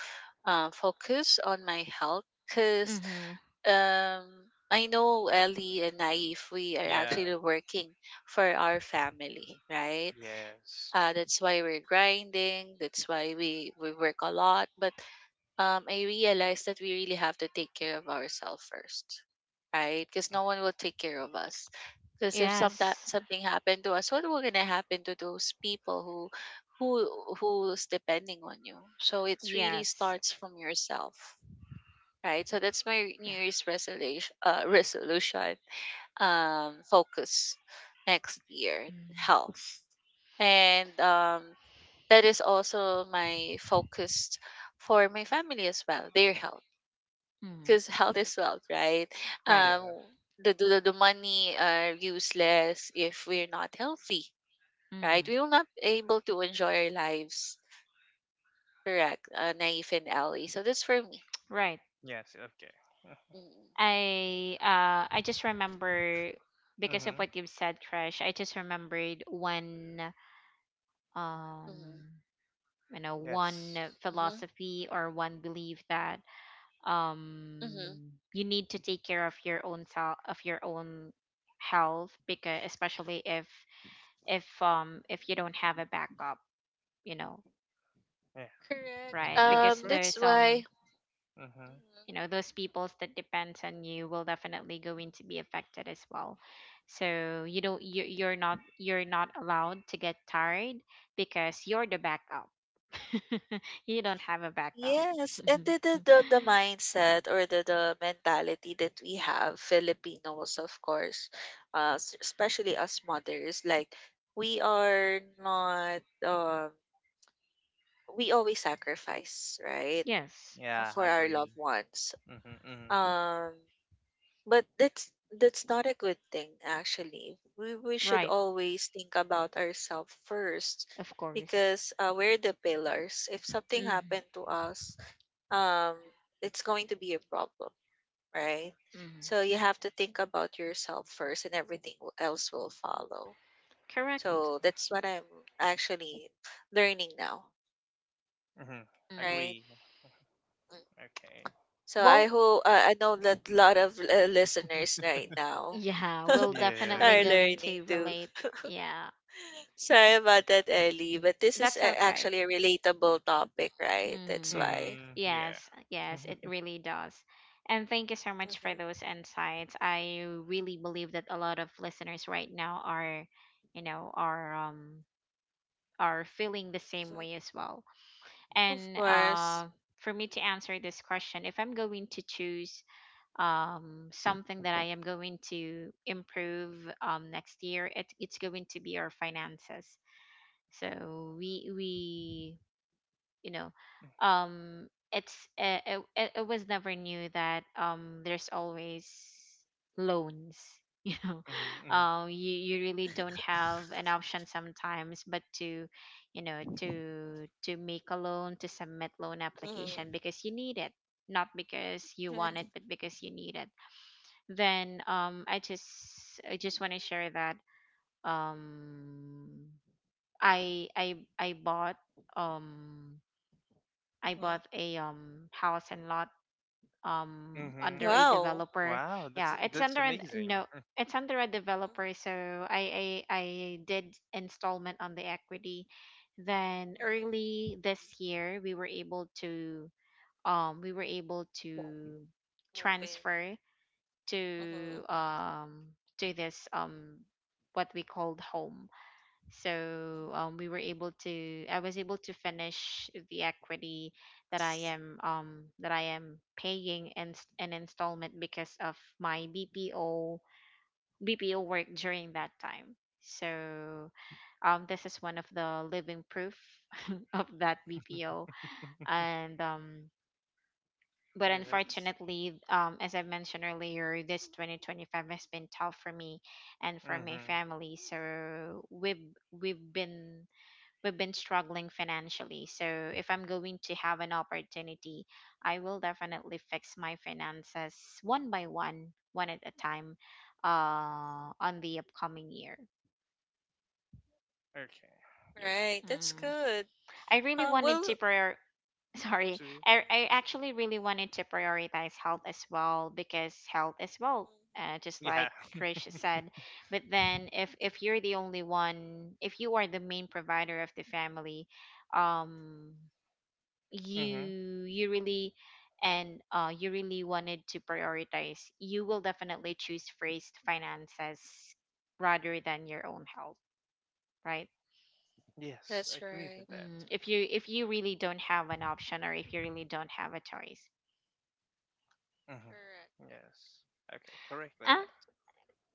S2: focus on my health because
S1: Mm-hmm.
S2: I know Ellie and Naif, we are
S3: Yeah.
S2: actually working for our family, right?
S3: Yes.
S2: That's why we're grinding. That's why we work a lot. But I realized that we really have to take care of ourselves first, right? Because
S3: Mm,
S2: no one will take care of us. Because if some
S1: Yes.
S2: something happened to us, what will gonna happen to those people who who who's depending on you? So it really
S1: Yes.
S2: starts from yourself, right? So that's my
S1: Yeah.
S2: New Year's resolution. Resolution. Focus next year,
S1: Mm-hmm.
S2: health, and that is also my focus for my family as well, their health.
S1: Mm-hmm.
S2: 'Cause health is wealth, right?
S1: Right.
S3: yeah.
S2: Um, the money are useless if we're not healthy, right?
S1: Mm-hmm.
S2: We will not able to enjoy our lives. Correct, Naif and Ellie. So that's for me.
S1: Right.
S3: Yes. Okay.
S2: Mm-hmm.
S1: I just remember,
S3: Mm,
S1: because of
S3: mhm.
S1: what you've said, Crash, I just remembered one um you know,
S3: Yes.
S1: one
S2: Mm-hmm.
S1: philosophy or one belief that
S2: Mm-hmm.
S1: you need to take care of your own self, of your own health, because especially if if you don't have a backup, you know,
S3: Yeah.
S2: Correct.
S3: Mhm.
S1: right?
S3: Yes.
S1: Because
S3: Correct.
S1: there's
S2: That's
S1: some...
S2: why.
S3: Mhm.
S2: Mhm.
S1: you know, those peoples that depends on you will definitely going to be affected as well, so you're not allowed to get tired, because you're the backup. You don't have a backup.
S2: Yes, and the, the mindset or the mentality that we have, Filipinos, of course, especially us mothers, like we are not we always sacrifice, right,
S1: Yes,
S3: Yeah.
S2: for
S3: I
S2: our
S3: agree.
S2: loved ones.
S3: Mhm. Mhm.
S2: Um, but that's not a good thing actually. We should
S1: right,
S2: always think about ourselves first
S1: of course.
S2: because we're the pillars. If something happened
S1: Hmm.
S2: to us, um, it's going to be a problem, right?
S1: Hmm.
S2: So you have to think about yourself first, and everything will- else will follow.
S1: Correct.
S2: So that's what I'm actually learning now,
S3: Mhm.
S1: Hmm.
S2: right?
S3: Agree. Okay.
S2: So I
S1: Well,
S2: hope, I know that a lot of listeners right now
S1: yeah, we'll definitely
S2: are
S3: Yes.
S1: go
S2: learning
S1: into
S2: too.
S1: relate. Yeah,
S2: Sorry about that, Ellie, but this is
S1: that's okay.
S2: actually a relatable topic, right? That's
S1: Mm-hmm.
S2: why.
S3: Mhm. Yeah.
S1: Yes, yes, it really does. And thank you so much for
S2: Hmm.
S1: those insights. I really believe that a lot of listeners right now are, you know, are feeling the same way
S2: Hmm.
S1: as well.
S2: Of
S1: And
S2: course.
S1: uh, for me to answer this question, if I'm going to choose something that I am going to improve next year, it's going to be our finances. So we you know, it, it was never new that there's always loans. You know,
S3: Mhm.
S1: you really don't have an option sometimes, but to you know, to make a loan, to submit loan application,
S2: Mm-hmm.
S1: because you need it, not because you want it, but because you need it. Then I just want to share that um I bought um I
S2: Mm-hmm.
S1: bought a house and lot under
S3: Mhm.
S1: a
S2: Wow.
S1: developer.
S3: Wow.
S1: Yeah, it's under
S3: That's
S1: an
S3: amazing.
S1: no it's under a
S2: Mm-hmm.
S1: developer, so I did installment on the equity. Then early this year we were able to um we were able
S2: Wow.
S1: to
S2: Moving.
S1: transfer
S2: Mm-hmm.
S1: to um to this what we called home. So we
S2: Mm-hmm.
S1: were able to... I was able to finish the equity that I am that I am paying in an installment because of my BPO work during that time. So this is one of the living proof of that BPO. And but
S3: Yes.
S1: unfortunately as I mentioned earlier, this 2025 has been tough for me and for my
S3: Mhm.
S1: family, so we've been struggling financially. So if I'm going to have an opportunity, I will definitely fix my finances one by one, one at a time, on the upcoming year.
S3: Okay. Yes,
S2: Right.
S3: it's
S2: That's
S1: Mm.
S2: good.
S1: I really wanted to
S2: Well.
S1: prior... Sorry,
S3: two.
S2: Mhm.
S1: I actually really
S2: Mhm.
S1: wanted to prioritize health as well, because health as well, just
S3: Yeah.
S1: like Krish said. But then, if you're the only one, if you are the main provider of the family, um
S3: Mm-hmm.
S1: you really... and you really wanted to prioritize, you will definitely choose first finances rather than your own health, right?
S3: Yes, I
S2: That's
S3: agree
S2: right.
S3: with that.
S1: Mm, if you really don't have an option, or if you really don't have a choice.
S3: Mm-hmm.
S2: Correct.
S3: Yes. Okay, correct with
S1: Ah,
S3: that.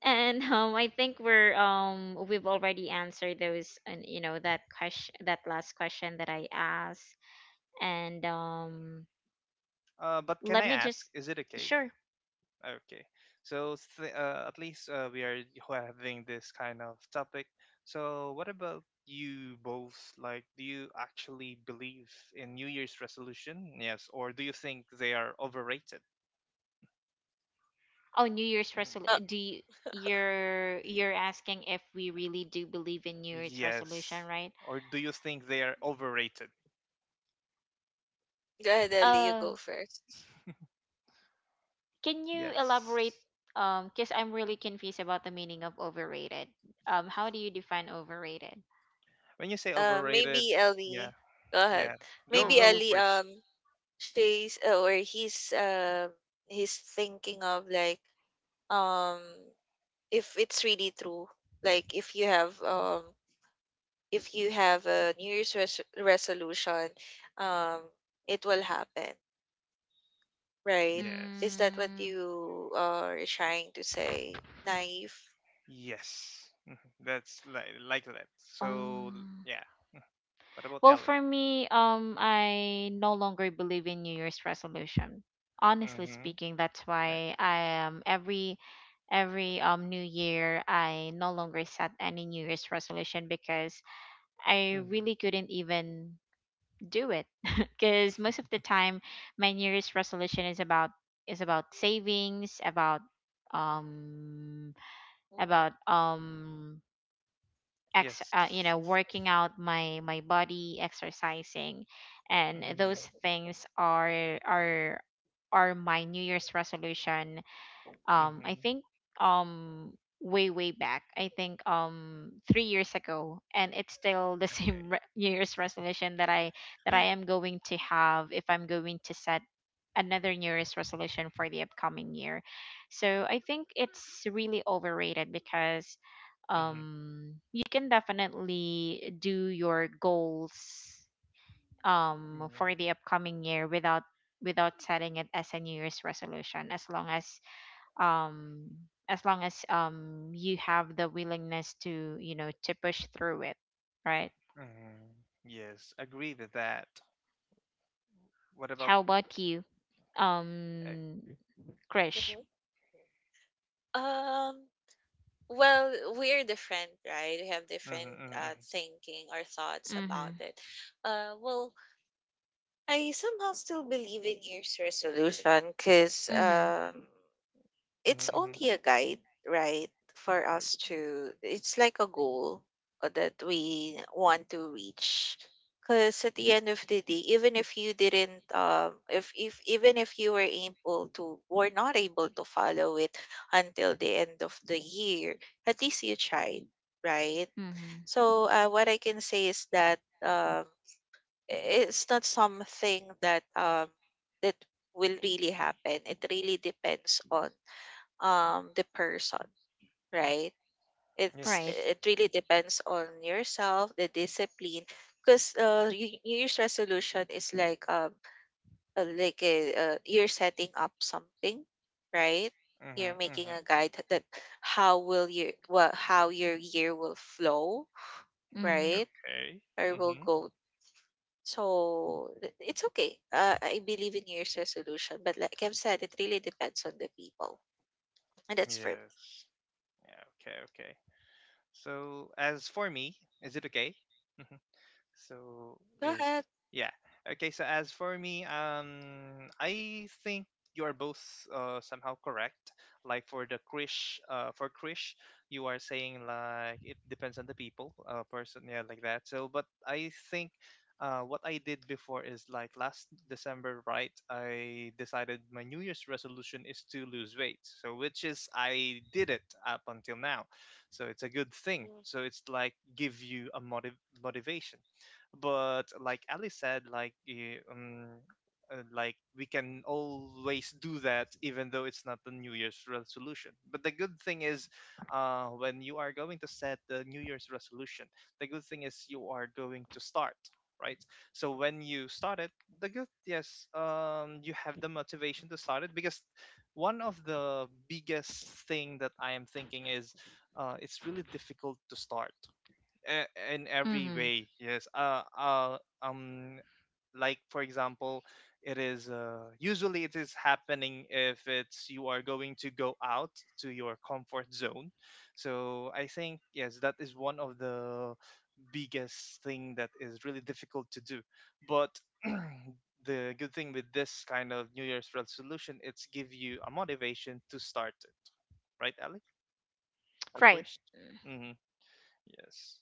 S1: and I think we've already answered those and you know, that question, that last question that I asked, and
S3: But can
S1: let
S3: I
S1: me
S3: ask,
S1: just...
S3: is it okay?
S1: sure.
S3: Okay. So, at least we are having this kind of topic. So, what about you both? Like, do you actually believe in New Year's resolution? Yes, or do you think they are overrated?
S1: Oh, New Year's
S3: Mm.
S2: Uh,
S1: resolution. Do you... you're asking if we really do believe in New Year's
S3: Yes.
S1: resolution, right?
S3: Or do you think they are overrated?
S2: go ahead, Ellie. You go
S1: Um,
S2: first.
S1: can you elaborate?
S3: Yes.
S1: Because I'm really confused about the meaning of overrated. How do you define overrated?
S3: When you say overrated,
S2: Maybe
S3: yeah,
S2: Ellie. Go ahead.
S3: yeah. Go,
S2: Maybe
S1: Uh,
S3: go,
S2: Ellie.
S3: Chris.
S2: She's or he's thinking of like um if it's really true. Like if you have a New Year's resolution, um, it will happen, right? Is
S3: Yes,
S2: that what
S1: mm,
S2: you are trying to say, naive?
S3: yes. Mhm. That's like that. So
S1: um.
S3: yeah. Mm. What about
S1: Well,
S3: Ellie?
S1: for me, I no longer believe in New Year's resolution. Honestly
S3: Mm-hmm.
S1: speaking, that's why I every New Year I no longer set any New Year's resolution, because I
S3: mm
S1: really couldn't even do it, because most of the time my New Year's resolution is about savings, um about
S2: Mm-hmm.
S1: ex
S3: Yes.
S1: you know, working out my body, exercising, and
S3: Mm-hmm.
S1: those things are are my New Year's resolution. um i
S3: Mm-hmm.
S1: think um way back, I think 3 years ago, and it's still the
S3: Okay.
S1: same New Year's resolution that I am going to have if I'm going to set another New Year's resolution for the upcoming year. So I think it's really overrated because
S3: Mm-hmm.
S1: you can definitely do your goals for the
S3: Yeah.
S1: upcoming year without setting it as a New Year's resolution, as long as um you have the willingness to, you know, to push through it, right?
S3: Mm-hmm. Yes, agree with that. What about
S1: How about you,
S3: A?
S1: um Krish?
S2: Um, Well, we're different, right? We have different
S3: Mm-hmm. Mm-hmm.
S2: thinking or thoughts about
S1: Mm-hmm.
S2: it. Well, I somehow still believe in New Year's resolution because
S3: Mm-hmm.
S1: Mm-hmm.
S2: it's
S3: Mm-hmm. Mm-hmm.
S2: only a guide, right? For
S3: Oh,
S2: us to, it's like a goal that we want to reach. Because at the end of the day, even if you didn't, if even if you were able to, were not able to follow it until the end of the year, at least you tried, right?
S1: Mm-hmm.
S2: So what I can say is that um, it's not something that that will really happen. It really depends on the person, right? It's
S1: Right.
S3: yes.
S2: it really depends on yourself, the discipline, because New New Year's resolution is like, you're setting up something, right?
S3: Mm-hmm.
S2: You're making
S3: Mm-hmm.
S2: a guide that how will you what how your year will flow,
S1: Mm-hmm.
S2: right?
S3: Okay.
S2: Or will
S3: Mm-hmm.
S2: go. So it's okay. I believe in New Year's resolution, but like I've said, it really depends on the people, and that's for me.
S3: Yes. Yeah. Okay. Okay. So, as for me, is it okay? So
S2: Go
S3: is
S2: ahead.
S3: yeah. Okay, so as for me, I think you're both somehow correct. Like for the Krish for Krish, you are saying like it depends on the people, uh, person, yeah, like that. So but I think what I did before is like last December, right? I decided my New Year's resolution is to lose weight. So, which is I did it up until now, so it's a good thing, so it's like give you a motivation, but like Ali said, like like we can always do that, even though it's not the New Year's resolution. But the good thing is, when you are going to set the New Year's resolution, the good thing is you are going to start. Right, so when you start it, the good, yes, you have the motivation to start it because one of the biggest thing that I am thinking is, it's really difficult to start uh, in every
S1: Mm-hmm.
S3: way, yes, like for example, it is usually it is happening if it's you are going to go out to your comfort zone. So I think, yes, that is one of the biggest thing that is really difficult to do. But the good thing with this kind of New Year's resolution, it's give you a motivation to start it, right, Ali or
S1: Right.
S3: Chris? Mm-hmm. Yes.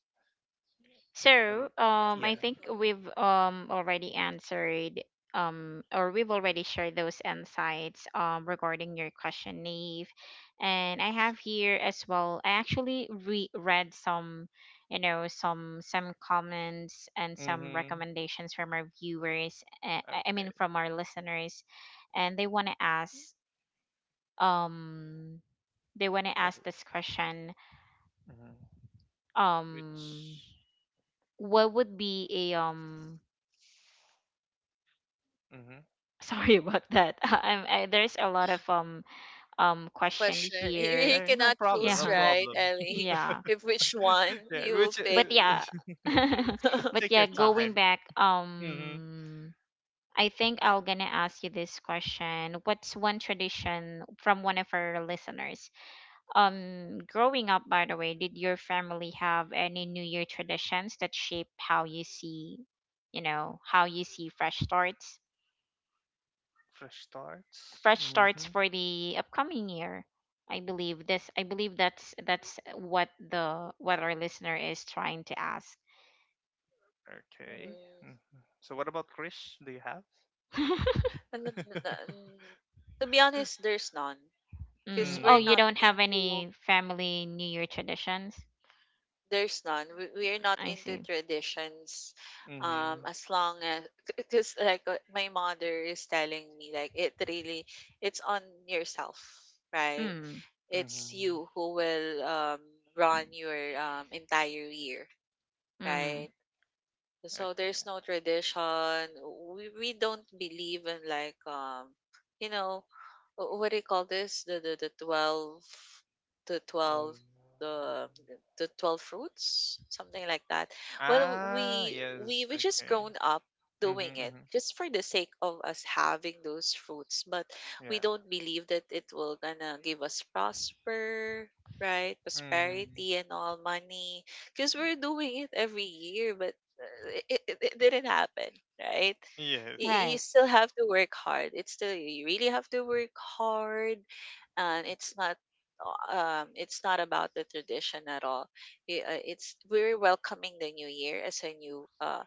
S1: So,
S3: Um,
S2: That's
S3: yeah.
S2: a
S1: I
S2: good
S1: think
S2: point.
S1: we've already answered or we've already shared those insights regarding your question, Nave. And I have here as well. I actually re-read some, you know, some comments and some
S3: Mhm.
S1: recommendations from our viewers. I
S3: Okay.
S1: mean, from our listeners, and they want to ask um
S3: What is?
S1: this question,
S3: Mhm.
S1: um
S3: Which?
S1: what would be a
S3: Mhm.
S1: sorry about that. There's a lot of question
S2: Question.
S1: here.
S2: You
S3: Eh, no
S2: cannot
S3: problem.
S2: choose,
S3: No
S1: Yeah,
S2: right,
S3: problem.
S2: Ellie?
S1: yeah,
S2: If which one
S3: Yeah.
S2: you will
S3: Which?
S1: but
S2: pick.
S1: yeah,
S3: Yes.
S1: but
S3: Take your
S1: yeah. Going
S3: time.
S1: back,
S3: Mhm.
S1: I think I'll gonna ask you this question. What's one tradition from one of our listeners? Growing up, by the way, did your family have any New Year traditions that shape how you see, you know, how you see fresh starts?
S3: Fresh starts.
S1: Fresh starts
S3: Mhm.
S1: for the upcoming year. I believe this. I believe that's what the... what our listener is trying to ask.
S3: Okay.
S2: Mhm.
S3: Mhm. So what about Krish? Do you have?
S2: And the- mm, To be honest, there's none.
S1: Mm.
S2: Because
S1: Oh,
S2: we're
S3: Mm.
S1: you
S2: not
S1: don't have any
S2: into,
S1: family New Year traditions?
S2: There's none. We're not
S1: I
S2: into
S1: see.
S2: traditions.
S3: Mhm.
S2: As long as, because like my mother is telling me, like, it really, it's on yourself, right?
S1: Mm.
S2: It's
S3: Mhm.
S2: you who will run your entire year,
S1: Mm.
S2: right? So there's
S3: Okay.
S2: no tradition. We don't believe in like you know what do you call this? The
S3: Um,
S2: twelve, the the twelve fruits, something like that. Well,
S3: ah.
S2: we we
S3: Yes.
S2: we just
S3: Okay.
S2: grown up doing
S3: Mhm.
S2: it
S3: Mhm.
S2: just for the sake of us having those fruits, but we
S3: Yeah.
S2: don't believe that it will gonna give us prosper. Right,
S3: Mhm.
S2: prosperity and all money, because we're doing it every year, but it didn't happen, right?
S3: Yes.
S2: You
S1: Right.
S2: still have to work hard. It's still you really have to work hard, and it's not about the tradition at all. I- It's We're welcoming the new year as a new, uh,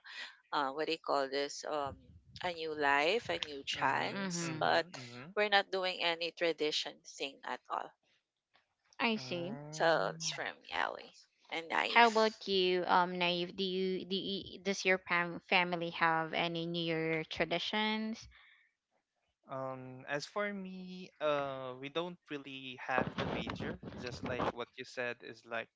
S2: uh what do you call this, a new life, a new
S3: Mhm.
S2: chance,
S1: Mm-hmm.
S2: but
S3: Mhm. Mhm.
S2: we're not doing any tradition thing at all.
S1: I see.
S2: So it's
S3: Um,
S2: from Ali and
S1: How
S2: Naif.
S1: about you, Naive? Do you family have any New Year traditions?
S3: as for me, we don't really have the major, just like what you said is like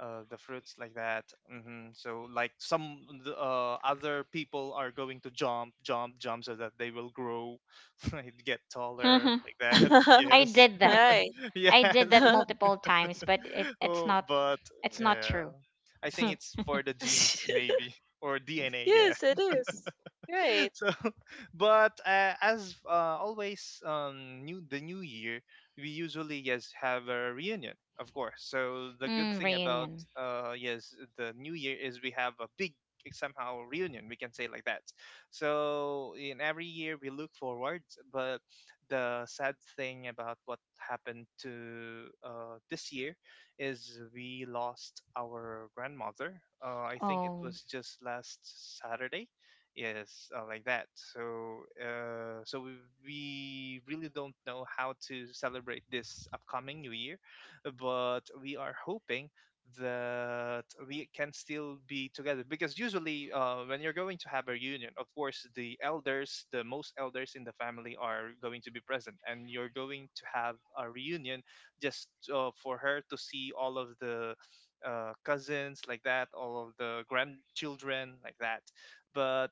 S3: the fruits like that. Hmm. So, like some other people are going to jump, jump, jump so that they will grow, right, get taller like that.
S1: I
S3: Yes,
S1: did that.
S2: Right.
S1: I did
S3: yes.
S1: that multiple times, but it's
S3: Oh,
S1: not
S3: but yeah,
S1: true.
S3: I think it's for the genes, maybe, or DNA. Yeah.
S2: Yes, it is. Right.
S3: So but as always, new the new year, we usually, yes, have a reunion, of course, so the good
S1: Mm,
S3: thing about
S1: reunion.
S3: yes the new year is we have a big somehow reunion, we can say like that. So in every year we look forward, but the sad thing about what happened to, this year is we lost our grandmother. Uh, I think it
S1: Oh,
S3: was just last Saturday, yes, like that. So so we really don't know how to celebrate this upcoming new year, but we are hoping that we can still be together because usually, when you're going to have a reunion, of course, the elders, the most elders in the family are going to be present and you're going to have a reunion just, for her to see all of the, cousins like that, all of the grandchildren like that. But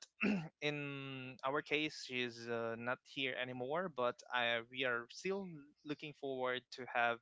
S3: in our case, she's, not here anymore, but we are still looking forward to have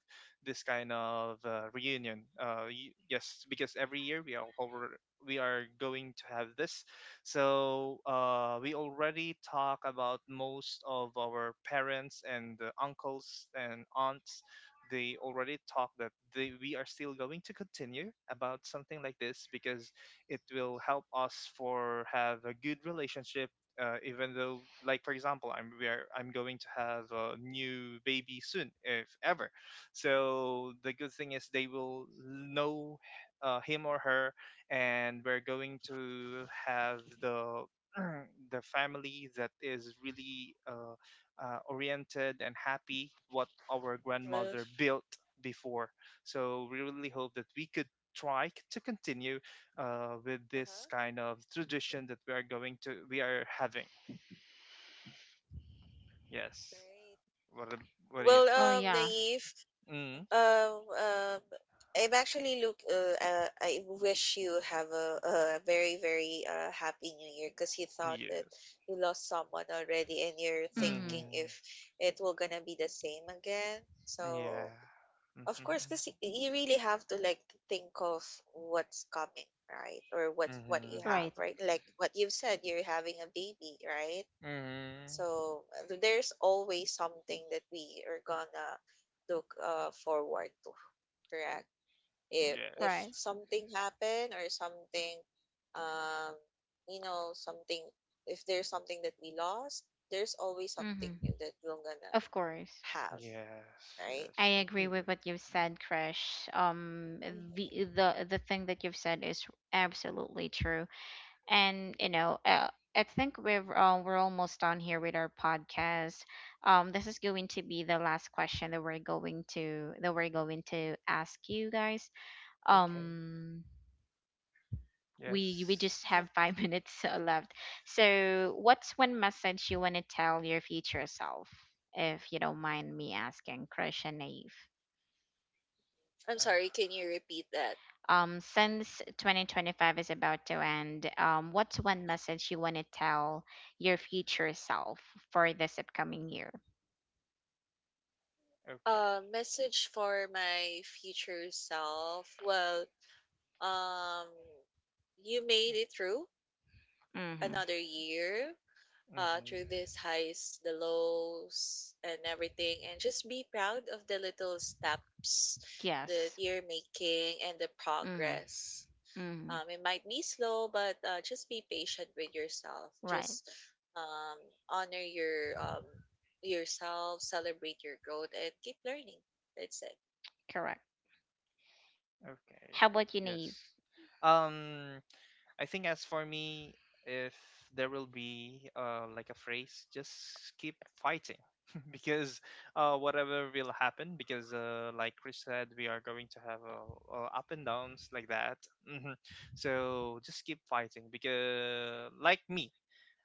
S3: this kind of, reunion. Yes, because every year we are over, we are going to have this. So we already talk about most of our parents and, uncles and aunts. They already talk that we are still going to continue about something like this because it will help us for have a good relationship, even though like for example I'm we are, I'm going to have a new baby soon if ever. So the good thing is they will know, him or her, and we're going to have the the family that is really oriented and happy what our
S2: Uh,
S3: grandmother built before. So we really hope that we could try to continue, with this
S2: uh-huh.
S3: kind of tradition that we are having. Yes.
S2: Right.
S3: What? What?
S2: Well,
S1: oh
S3: Yes.
S1: yeah.
S2: Naif,
S3: Mm.
S2: um, um, I'm actually look. I wish you have a very, very happy New Year because you thought that
S3: Yes.
S2: you lost someone already, and you're
S1: Mm-hmm.
S2: thinking
S3: Mm.
S2: if it will gonna be the same again.
S3: Yeah.
S2: So of
S3: Mm-hmm.
S2: course, because you really have to like think of what's coming, right, or what's what
S3: Mm-hmm.
S2: you have,
S1: Right,
S2: right? Like what you've said, you're having a baby, right?
S3: Mm-hmm.
S2: So there's always something that we are gonna look forward to, correct? If
S3: Yes.
S1: right.
S2: something happen or something, um, you know, something if there's something that we lost, there's always something
S1: Mm-hmm.
S2: new that we're gonna
S1: Of course.
S2: have,
S3: Yes.
S2: right?
S1: I
S3: Yes, I
S1: agree
S3: agree
S1: with
S3: with.
S1: what you've
S3: Mm.
S1: said, Krish.
S2: Mhm.
S1: The thing that you've said is absolutely true, and you know, I think we're almost done here with our podcast. This is going to be the last question that we're going to ask you guys.
S3: Okay.
S1: Um, we
S3: Yes.
S1: just have five minutes left. So, what's one message you want to tell your future self, if you don't mind me asking, Krish and Naive?
S2: I'm
S3: Uh,
S2: sorry, can you repeat that?
S1: Since 2025 is about to end, what's one message you want to tell your future self for this upcoming year?
S3: okay.
S2: Message for my future self. Well, um, you made it through
S1: Mm-hmm.
S2: another year, through
S3: Mm-hmm.
S2: these highs, the lows, and everything, and just be proud of the little steps that
S1: Yes.
S2: you're making and the
S1: Mm-hmm.
S2: progress.
S1: Mm-hmm.
S2: It might be slow, but just be patient with yourself.
S1: Right.
S2: Just um, honor your yourself, celebrate your growth, and keep learning. That's it.
S1: Correct. How about you,
S3: Okay.
S1: Naive?
S3: Yes. Um. I think as for me, if there will be, like a phrase, just keep fighting because, whatever will happen, because, like Chris said, we are going to have up and downs like that. Hmm. So just keep fighting because, like me,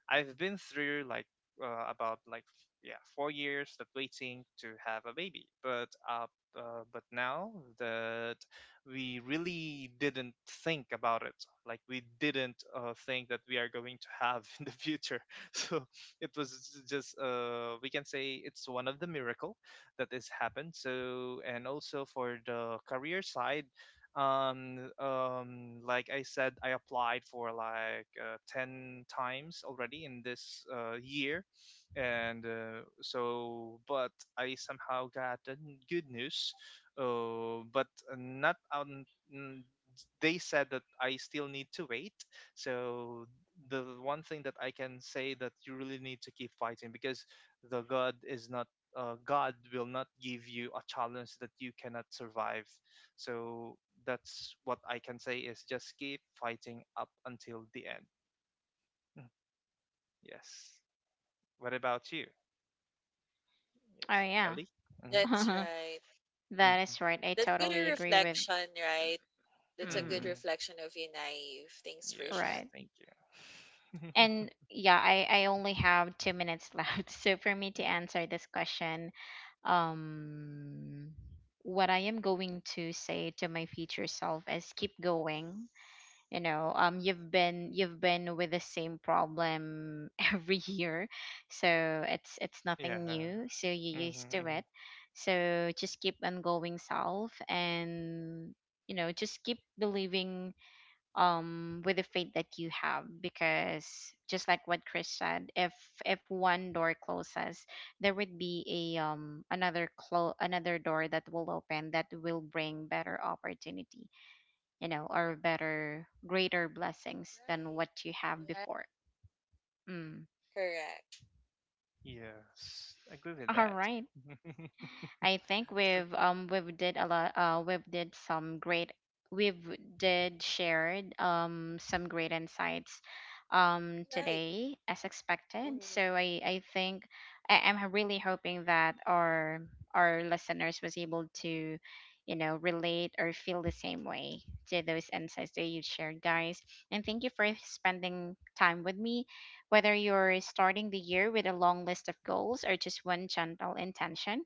S3: I've been through like, about like yeah, 4 years of waiting to have a baby, but now that we really didn't think about it, like we didn't, think that we are going to have in the future. So it was just, we can say it's one of the miracle that has happened. So, and also for the career side, um like I said, I applied for like, 10 times already in this, year, and so, but I somehow got the good news, but not n- they said that I still need to wait. So the one thing that I can say that you really need to keep fighting because the god is not God will not give you a challenge that you cannot survive. So that's what I can say is just keep fighting up until the end. Mm. Yes. What about you?
S1: Oh
S3: Yes,
S1: yeah,
S3: Ellie. Hmm.
S2: That's right.
S1: that is
S3: Hmm.
S1: right. I
S2: That's good a
S1: totally agree with.
S2: reflection, right? That's a good
S1: Mm,
S3: Hmm.
S2: reflection of you, naive. Thanks for sharing.
S3: Yes,
S1: right.
S3: thank you.
S1: And yeah, I only have two minutes left. So for me to answer this question, um, what I am going to say to my future self is keep going. You know, you've been with the same problem every year, so it's nothing
S3: Yeah.
S1: new. So you're used to
S3: Hmm.
S1: it. So just keep on going, self, and you know, just keep believing with the faith that you have, because just like what Chris said, if one door closes, there would be a another another door that will open that will bring better opportunity, you know, or better, greater blessings than what you have
S2: Right. Yeah.
S1: before. Mm.
S2: Correct.
S3: Yes, I agree with
S1: All
S3: that.
S1: right. I think we've did a lot we've did some great we've did shared some great insights
S2: Right.
S1: today as expected.
S2: Hmm.
S1: So I think I'm really hoping that our listeners was able to you know, relate or feel the same way to those insights that you shared, guys. And thank you for spending time with me. Whether you're starting the year with a long list of goals or just one gentle intention,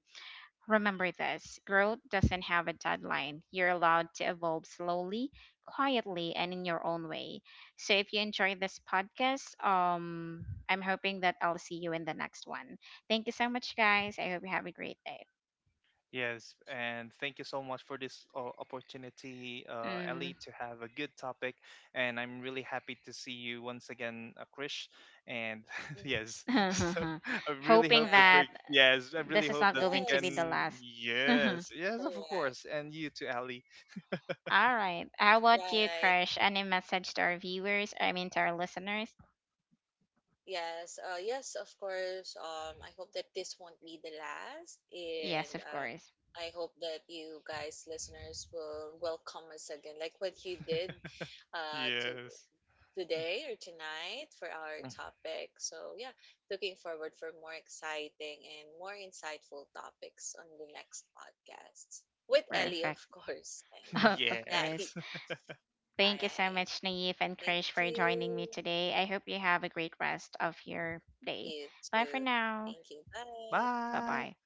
S1: remember this: growth doesn't have a deadline. You're allowed to evolve slowly, quietly, and in your own way. So if you enjoyed this podcast, I'm hoping that I'll see you in the next one. Thank you so much, guys. I hope you have a great day.
S3: Yes, and thank you so much for this, opportunity,
S1: Mm.
S3: Ellie, to have a good topic. And I'm really happy to see you once again, Krish. And
S2: Hmm.
S3: yes, so I really
S1: Hoping
S3: hope that
S2: Right.
S1: that
S3: yes, I really
S1: this is
S3: hope
S1: not
S3: that we
S1: going to be
S2: Yes.
S1: the
S3: can,
S1: last. Mhm.
S3: yes, yes, of
S2: Correct.
S3: course. And you too, Ellie.
S1: All right. How about you,
S2: Right.
S1: Crush? Any message to our viewers? I mean, to our listeners?
S2: Yes. Yes, of course. I hope that this won't be the last, and
S1: Yes, of course.
S2: I hope that you guys, listeners, will welcome us again, like what you did, to
S3: Yes.
S2: today or tonight for our topic. So, yeah, looking forward for more exciting and more insightful topics on the next podcast with Ellie, of
S1: Perfect.
S2: course. And
S1: Of
S2: Nai.
S1: course.
S3: Yes.
S2: All
S1: Thank you so
S2: right.
S1: much, Naive and
S2: Thank
S1: Krish, for joining me
S2: you.
S1: today. I hope you have a great rest of your day.
S2: You
S1: Bye
S2: too.
S1: for now.
S2: Thank you. Bye.
S1: Bye
S3: Bye.
S1: bye.